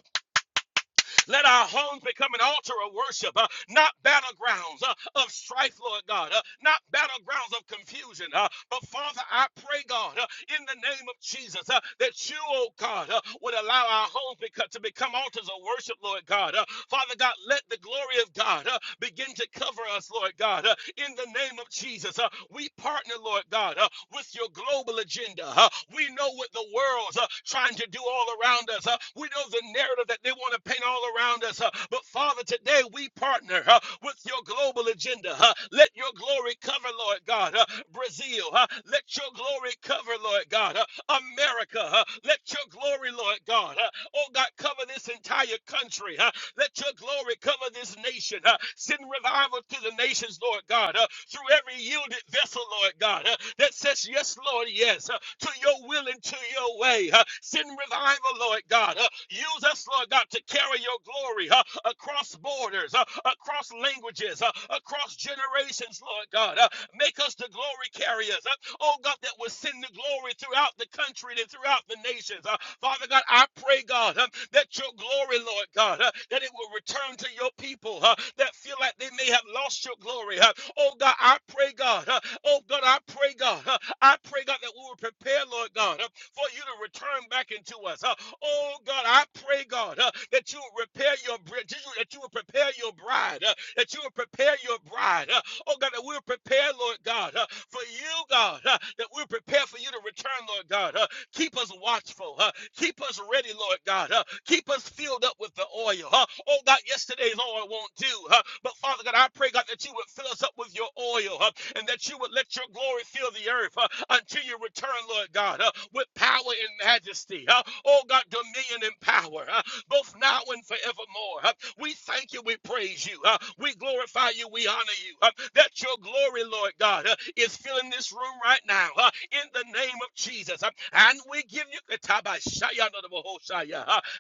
S4: Let our homes become an altar of worship, uh, not battlegrounds uh, of strife, Lord God, uh, not battlegrounds of confusion. uh, but Father, I pray, God, uh, in the name of Jesus, uh, that you, oh God, uh, would allow our homes beco- to become altars of worship, Lord God. Uh, Father God, let the glory of God uh, begin to cover us, Lord God, uh, in in the name of Jesus. Uh, we partner, Lord God, uh, with your global agenda. Uh, we know what the world's uh, trying to do all around us. Uh, we know the narrative that they want to paint all around us. Uh, but Father, today we partner uh, with your global agenda. Uh, let your glory cover, Lord God, uh, Brazil. Uh, let your glory cover, Lord God, uh, America. Uh, let your glory, Lord God, uh, oh God, cover this entire country. huh? Let your glory cover this nation. Uh, send revival to the nations, Lord God, uh, through every yielded vessel, Lord God, uh, that says, Yes, Lord, yes, uh, to your will and to your way. Uh, send revival, Lord God. Uh, use us, Lord God, to carry your glory uh, across borders, uh, across languages, uh, across generations, Lord God. Uh, make us the glory carriers. Uh, oh God, that will send the glory throughout the country and throughout the nations. Uh, Father God, I pray, God, um, that your glory, Lord God, uh, that it will return to your people uh, that feel like they may have lost your glory. Uh, oh God, I pray, God, uh, oh God, I pray, God, uh, I pray, God, that we will prepare, Lord God, uh, for you to return back into us. Uh, oh God, I pray, God, uh, that you will repair your bri- that you will prepare your bride, uh, that you will prepare your bride, uh, Oh God, that we're prepared, Lord God, uh, for you, God, uh, that we're prepared for you to return, Lord God. Uh, keep us watchful. Uh, keep us ready, Lord God. Uh, keep us filled up with the oil. Uh, oh God, yesterday's oil won't do. Uh, but Father God, I pray, God, that you would fill us up with your oil uh, and that you would let your glory fill the earth uh, until you return, Lord God. Uh, with power and majesty. Uh, oh God, dominion and power, uh, both now and forevermore. Uh, we thank you, we praise you, uh, we glorify you, we honor you. Uh, that your glory, Lord God, uh, is filling this room right now uh, in the name of Jesus. Uh, and we give you, uh,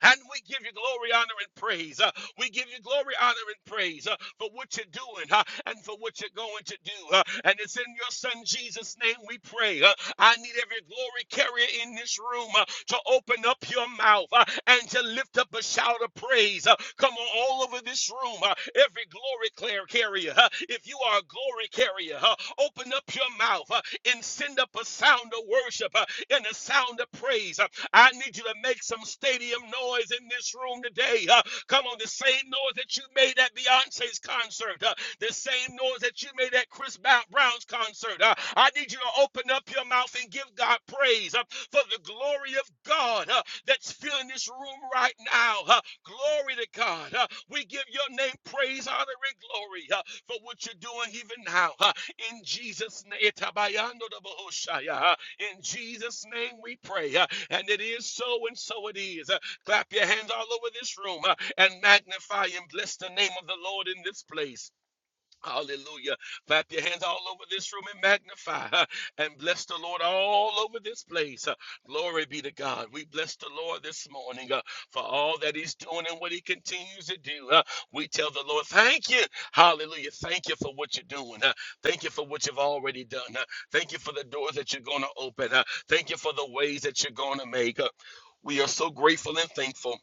S4: and we give you glory, honor, and praise. Uh, we give you glory, honor, and praise uh, for what you're doing uh, and for what you're going to do. uh, and it's in your son Jesus' name we pray. uh, I need every glory carrier in this room uh, to open up your mouth uh, and to lift up a shout of praise. uh, come on, all over this room, uh, every glory clear carrier. uh, if you are a glory carrier, uh, open up your mouth uh, and send up a sound of worship. uh, in the sound of praise. Uh, I need you to make some stadium noise in this room today. Uh, Come on, the same noise that you made at Beyonce's concert, uh, the same noise that you made at Chris Ba- Brown's concert. Uh, I need you to open up your mouth and give God praise uh, for the glory of God uh, that's filling this room right now. Uh, Glory to God. Uh, We give your name praise, honor, and glory uh, for what you're doing even now. Uh, In Jesus' name. Itabayando da bohoshaya. Uh, in Jesus' name we pray. Uh, And it is so, and so it is. Uh, Clap your hands all over this room uh, and magnify and bless the name of the Lord in this place. Hallelujah. Clap your hands all over this room and magnify huh, and bless the Lord all over this place. huh. Glory be to God. We bless the Lord this morning uh, for all that He's doing and what He continues to do. huh. We tell the Lord, thank you. Hallelujah. Thank you for what you're doing. huh. Thank you for what you've already done. huh. Thank you for the doors that you're going to open. huh. Thank you for the ways that you're going to make. huh. We are so grateful and thankful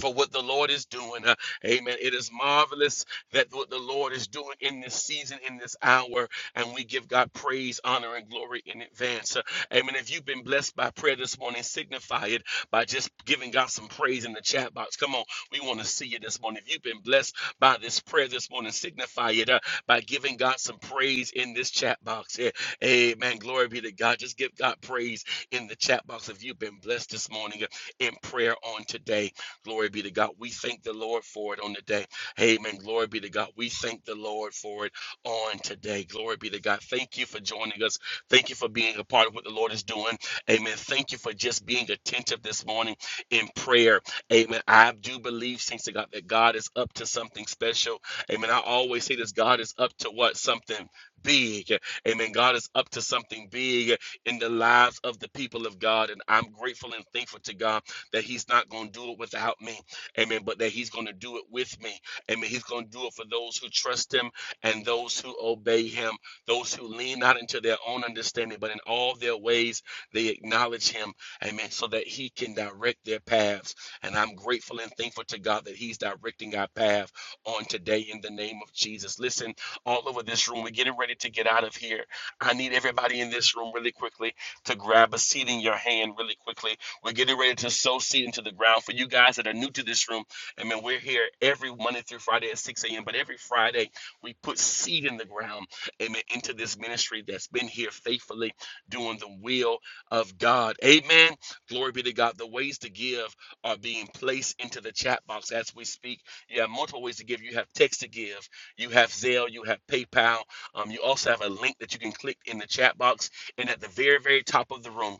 S4: for what the Lord is doing. Uh, amen. It is marvelous that what the Lord is doing in this season, in this hour, and we give God praise, honor, and glory in advance. Uh, amen. If you've been blessed by prayer this morning, signify it by just giving God some praise in the chat box. Come on, we want to see you this morning. If you've been blessed by this prayer this morning, signify it uh, by giving God some praise in this chat box. Yeah. Amen. Glory be to God. Just give God praise in the chat box if you've been blessed this morning uh, in prayer on today. Glory be to God. We thank the Lord for it on the day. Amen. Glory be to God. We thank the Lord for it on today. Glory be to God. Thank you for joining us. Thank you for being a part of what the Lord is doing. Amen. Thank you for just being attentive this morning in prayer. Amen. I do believe, thanks to God, that God is up to something special. Amen. I always say this God is up to what? Something big. Amen. God is up to something big in the lives of the people of God. And I'm grateful and thankful to God that he's not going to do it without me. Amen. But that he's going to do it with me. Amen. He's going to do it for those who trust him and those who obey him, those who lean not into their own understanding, but in all their ways they acknowledge him. Amen. So that he can direct their paths. And I'm grateful and thankful to God that he's directing our path on today in the name of Jesus. Listen, all over this room, we're getting ready to get out of here. I need everybody in this room really quickly to grab a seat in your hand really quickly. We're getting ready to sow seed into the ground. For you guys that are new to this room, I mean, we're here every Monday through Friday at 6 a.m. But every Friday, we put seed in the ground, amen, into this ministry that's been here faithfully doing the will of God. Amen. Glory be to God. The ways to give are being placed into the chat box as we speak. You have multiple ways to give. You have text to give, you have Zelle, you have PayPal. Um, you also have a link that you can click in the chat box. And at the very, very top of the room,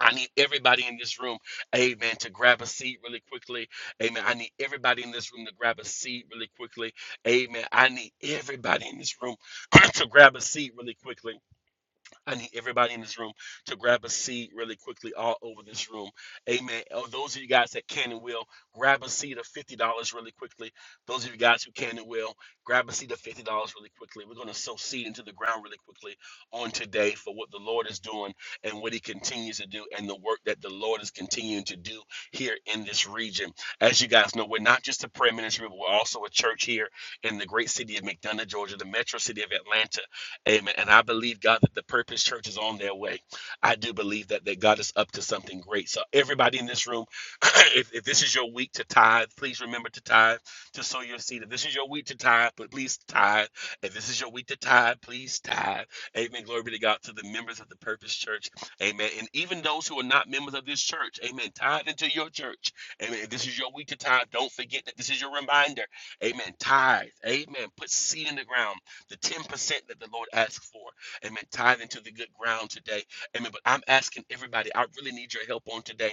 S4: I need everybody in this room, amen, to grab a seat really quickly. Amen. I need everybody in this room to grab a seat really quickly. Amen. I need everybody in this room to grab a seat really quickly. I need everybody in this room to grab a seed really quickly all over this room. Amen. Oh, those of you guys that can and will, grab a seed of $50 really quickly. Those of you guys who can and will, grab a seed of $50 really quickly. We're going to sow seed into the ground really quickly on today for what the Lord is doing and what he continues to do and the work that the Lord is continuing to do here in this region. As you guys know, we're not just a prayer ministry, but we're also a church here in the great city of McDonough, Georgia, the metro city of Atlanta Amen. And I believe, God, that the Purpose Church is on their way. I do believe that, that God is up to something great. So, everybody in this room, if, if this is your week to tithe, please remember to tithe, to sow your seed. If this is your week to tithe, but please tithe. If this is your week to tithe, please tithe. Amen. Glory be to God to the members of the Purpose Church. Amen. And even those who are not members of this church, amen. Tithe into your church. Amen. If this is your week to tithe, don't forget that this is your reminder. Amen. Tithe. Amen. Put seed in the ground the 10% that the Lord asks for. Amen. Tithe into the good ground today. Amen. But I'm asking everybody, I really need your help on today.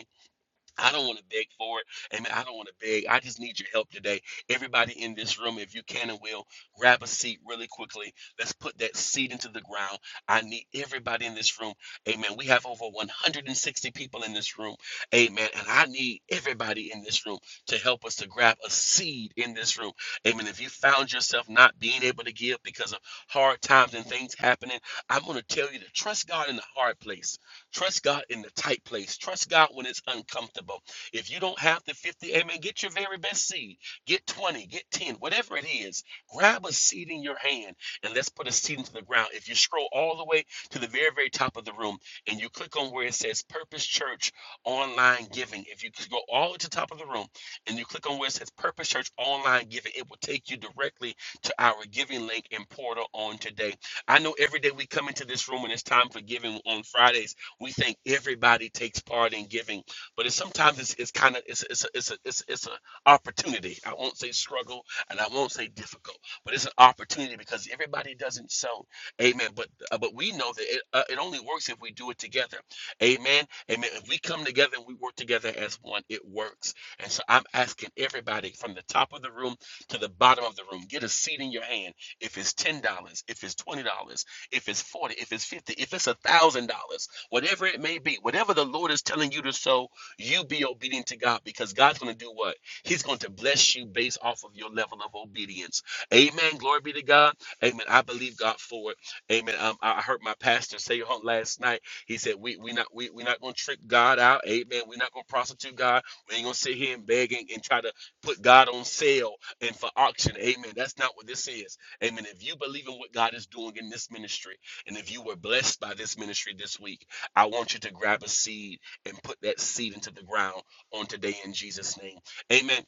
S4: I don't want to beg for it. Amen. I don't want to beg. I just need your help today. Everybody in this room, if you can and will, grab a seat really quickly. Let's put that seed into the ground. I need everybody in this room. Amen. We have over 160 people in this room. Amen. And I need everybody in this room to help us to grab a seed in this room. Amen. If you found yourself not being able to give because of hard times and things happening, I'm going to tell you to trust God in the hard place. Trust God in the tight place. Trust God when it's uncomfortable. If you don't have the 50, amen, get your very best seed. Get 20, get 10, whatever it is. Grab a seed in your hand and let's put a seed into the ground. If you scroll all the way to the very, very top of the room and you click on where it says Purpose Church Online Giving, if you go all the way to the top of the room and you click on where it says Purpose Church Online Giving, it will take you directly to our giving link and portal on today. I know every day we come into this room and it's time for giving on Fridays we think everybody takes part in giving, but it's sometimes it's, it's kind of it's it's a, it's a, it's it's an opportunity. I won't say struggle and I won't say difficult, but it's an opportunity because everybody doesn't sow. Amen. But uh, but we know that it, uh, it only works if we do it together. Amen. Amen. If we come together and we work together as one, it works. And so I'm asking everybody from the top of the room to the bottom of the room, get a seed in your hand. If it's ten dollars, if it's twenty dollars, if it's forty, if it's fifty, if it's a thousand dollars whatever it may be, whatever the Lord is telling you to sow, you be obedient to God because God's going to do what? He's going to bless you based off of your level of obedience. Amen. Glory be to God. Amen. I believe God for it. Amen. Um, I heard my pastor say on last night. He said, "We we not we we not going to trick God out. Amen. We're not going to prostitute God. We ain't going to sit here and beg and, and try to put God on sale and for auction. Amen. That's not what this is. Amen. If you believe in what God is doing in this ministry, and if you were blessed by this ministry this week." I want you to grab a seed and put that seed into the ground on today in Jesus' name. Amen.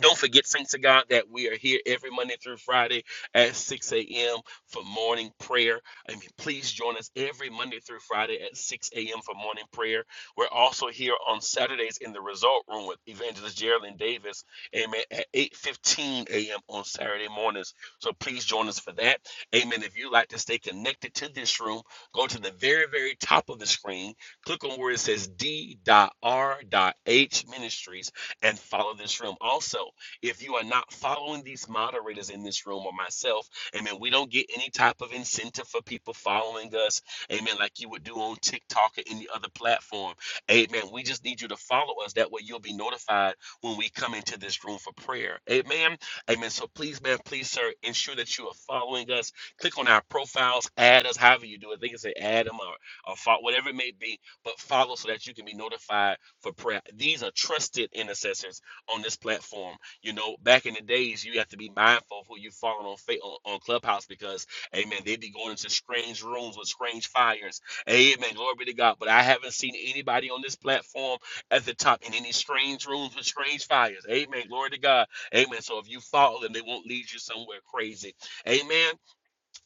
S4: Don't forget, Saints of God, that we are here every Monday through Friday at 6 a.m. for morning prayer. I mean, please join us every Monday through Friday at 6 a.m. for morning prayer. We're also here on Saturdays in the Result Room with Evangelist Geraldine Davis, amen, at 8.15 a.m. on Saturday mornings. So please join us for that. Amen. If you'd like to stay connected to this room, go to the very, very top of the screen, click on where it says D.R.H. Ministries, and follow this room. Also, if you are not following these moderators in this room or myself, amen, we don't get any type of incentive for people following us, amen, like you would do on TikTok or any other platform. Amen. We just need you to follow us. That way you'll be notified when we come into this room for prayer. Amen. Amen. So please, man, please, sir, ensure that you are following us. Click on our profiles, add us, however you do it. They can say add them or, or fo- whatever it may be, but follow so that you can be notified for prayer. These are trusted intercessors on this platform. You know, back in the days, you have to be mindful of who you following on, fa- on on Clubhouse because, amen, they would be going into strange rooms with strange fires. Amen. Glory be to God. But I haven't seen anybody on this platform at the top in any strange rooms with strange fires. Amen. Glory to God. Amen. So if you follow them, they won't lead you somewhere crazy. Amen.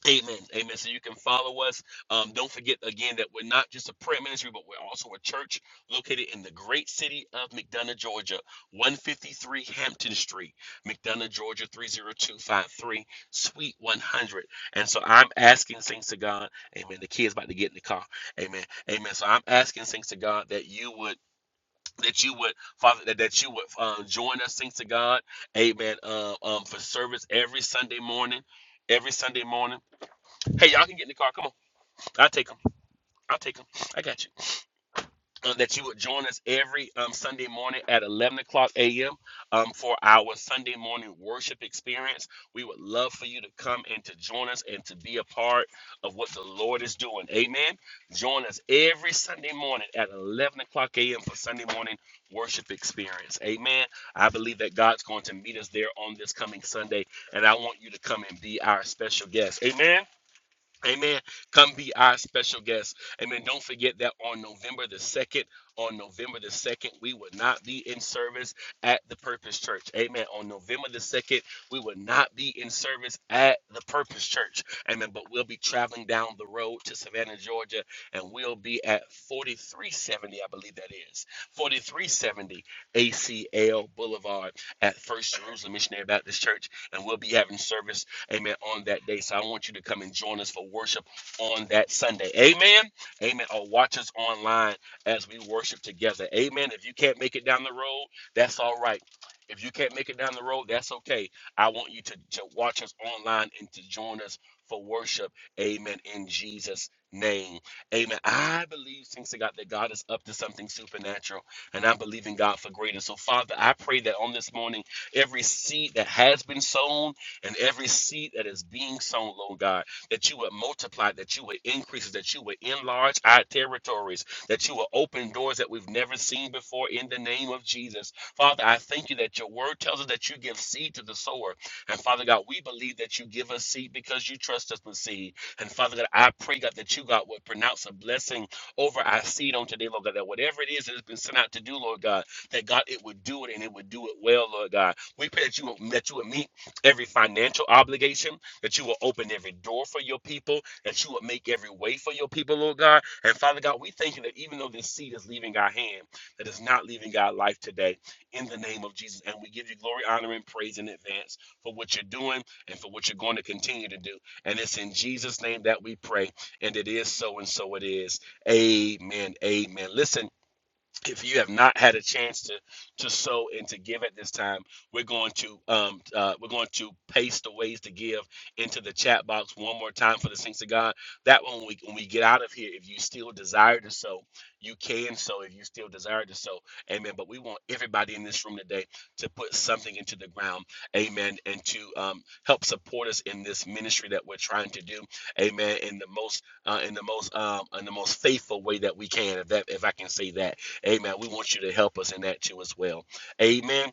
S4: Amen. Amen. So you can follow us. Um, don't forget again that we're not just a prayer ministry, but we're also a church located in the great city of McDonough, Georgia, 153 Hampton Street, McDonough, Georgia, 30253, Suite 100. And so I'm asking things to God. Amen. The kid's about to get in the car. Amen. Amen. So I'm asking things to God that you would, that you would, Father, that, that you would um, join us, things to God. Amen. Uh, um, for service every Sunday morning. Every Sunday morning. Hey, y'all can get in the car. Come on. I'll take them. I'll take them. I got you. Uh, that you would join us every um, Sunday morning at 11 o'clock a.m. Um, for our Sunday morning worship experience. We would love for you to come and to join us and to be a part of what the Lord is doing. Amen. Join us every Sunday morning at 11 o'clock a.m. for Sunday morning worship experience. Amen. I believe that God's going to meet us there on this coming Sunday, and I want you to come and be our special guest. Amen. Amen. Come be our special guest. Amen. Don't forget that on November the 2nd, on November the 2nd, we will not be in service at the Purpose Church. Amen. On November the 2nd, we will not be in service at the Purpose Church. Amen. But we'll be traveling down the road to Savannah, Georgia, and we'll be at 4370, I believe that is 4370 ACL Boulevard at First Jerusalem Missionary Baptist Church. And we'll be having service amen, on that day. So I want you to come and join us for worship on that Sunday. Amen. Amen. Or watch us online as we worship together. Amen. If you can't make it down the road, that's all right. If you can't make it down the road, that's okay. I want you to, to watch us online and to join us for worship. Amen. In Jesus' name. Amen. I believe, thanks to God, that God is up to something supernatural, and I'm believing God for greater. So, Father, I pray that on this morning, every seed that has been sown, and every seed that is being sown, Lord God, that you would multiply, that you would increase, that you would enlarge our territories, that you will open doors that we've never seen before in the name of Jesus. Father, I thank you that your word tells us that you give seed to the sower. And Father God, we believe that you give us seed because you trust us with seed. And Father God, I pray, God, that you, God, would pronounce a blessing over our seed on today, Lord God, that whatever it is that has been sent out to do, Lord God, that God, it would do it and it would do it well, Lord God. We pray that you would, that you would meet every financial obligation, that you will open every door for your people, that you will make every way for your people, Lord God. And Father God, we thank you that even though this seed is leaving our hand, that it's not leaving our life today in the name of Jesus. And we give you glory, honor, and praise in advance for what you're doing and for what you're going to continue to do. And it's in Jesus' name that we pray. And it is so, and so it is. Amen. Amen. Listen if you have not had a chance to to sow and to give at this time we're going to um uh, we're going to paste the ways to give into the chat box one more time for the saints of god that when we when we get out of here if you still desire to sow you can sow if you still desire to sow amen but we want everybody in this room today to put something into the ground amen and to um, help support us in this ministry that we're trying to do amen in the most uh, in the most um, in the most faithful way that we can if that if i can say that Amen. We want you to help us in that too as well. Amen.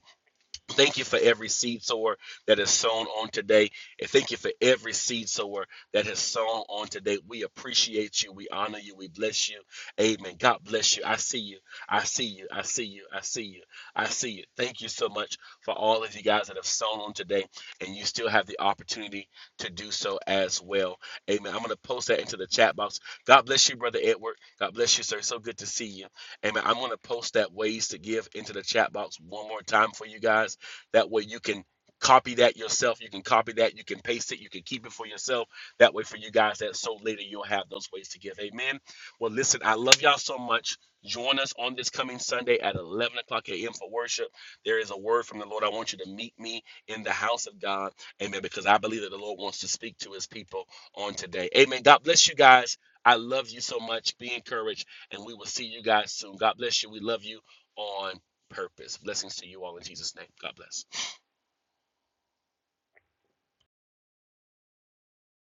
S4: Thank you for every seed sower that is sown on today. And thank you for every seed sower that has sown on today. We appreciate you. We honor you. We bless you. Amen. God bless you. I see you. I see you. I see you. I see you. I see you. Thank you so much for all of you guys that have sown on today. And you still have the opportunity to do so as well. Amen. I'm going to post that into the chat box. God bless you, Brother Edward. God bless you, sir. So good to see you. Amen. I'm going to post that ways to give into the chat box one more time for you guys that way you can copy that yourself. You can copy that. You can paste it. You can keep it for yourself. That way for you guys that so later you'll have those ways to give. Amen. Well, listen, I love y'all so much. Join us on this coming Sunday at 11 o'clock a.m. for worship. There is a word from the Lord. I want you to meet me in the house of God. Amen. Because I believe that the Lord wants to speak to his people on today. Amen. God bless you guys. I love you so much. Be encouraged. And we will see you guys soon. God bless you. We love you on purpose. Blessings to you all in Jesus' name. God bless.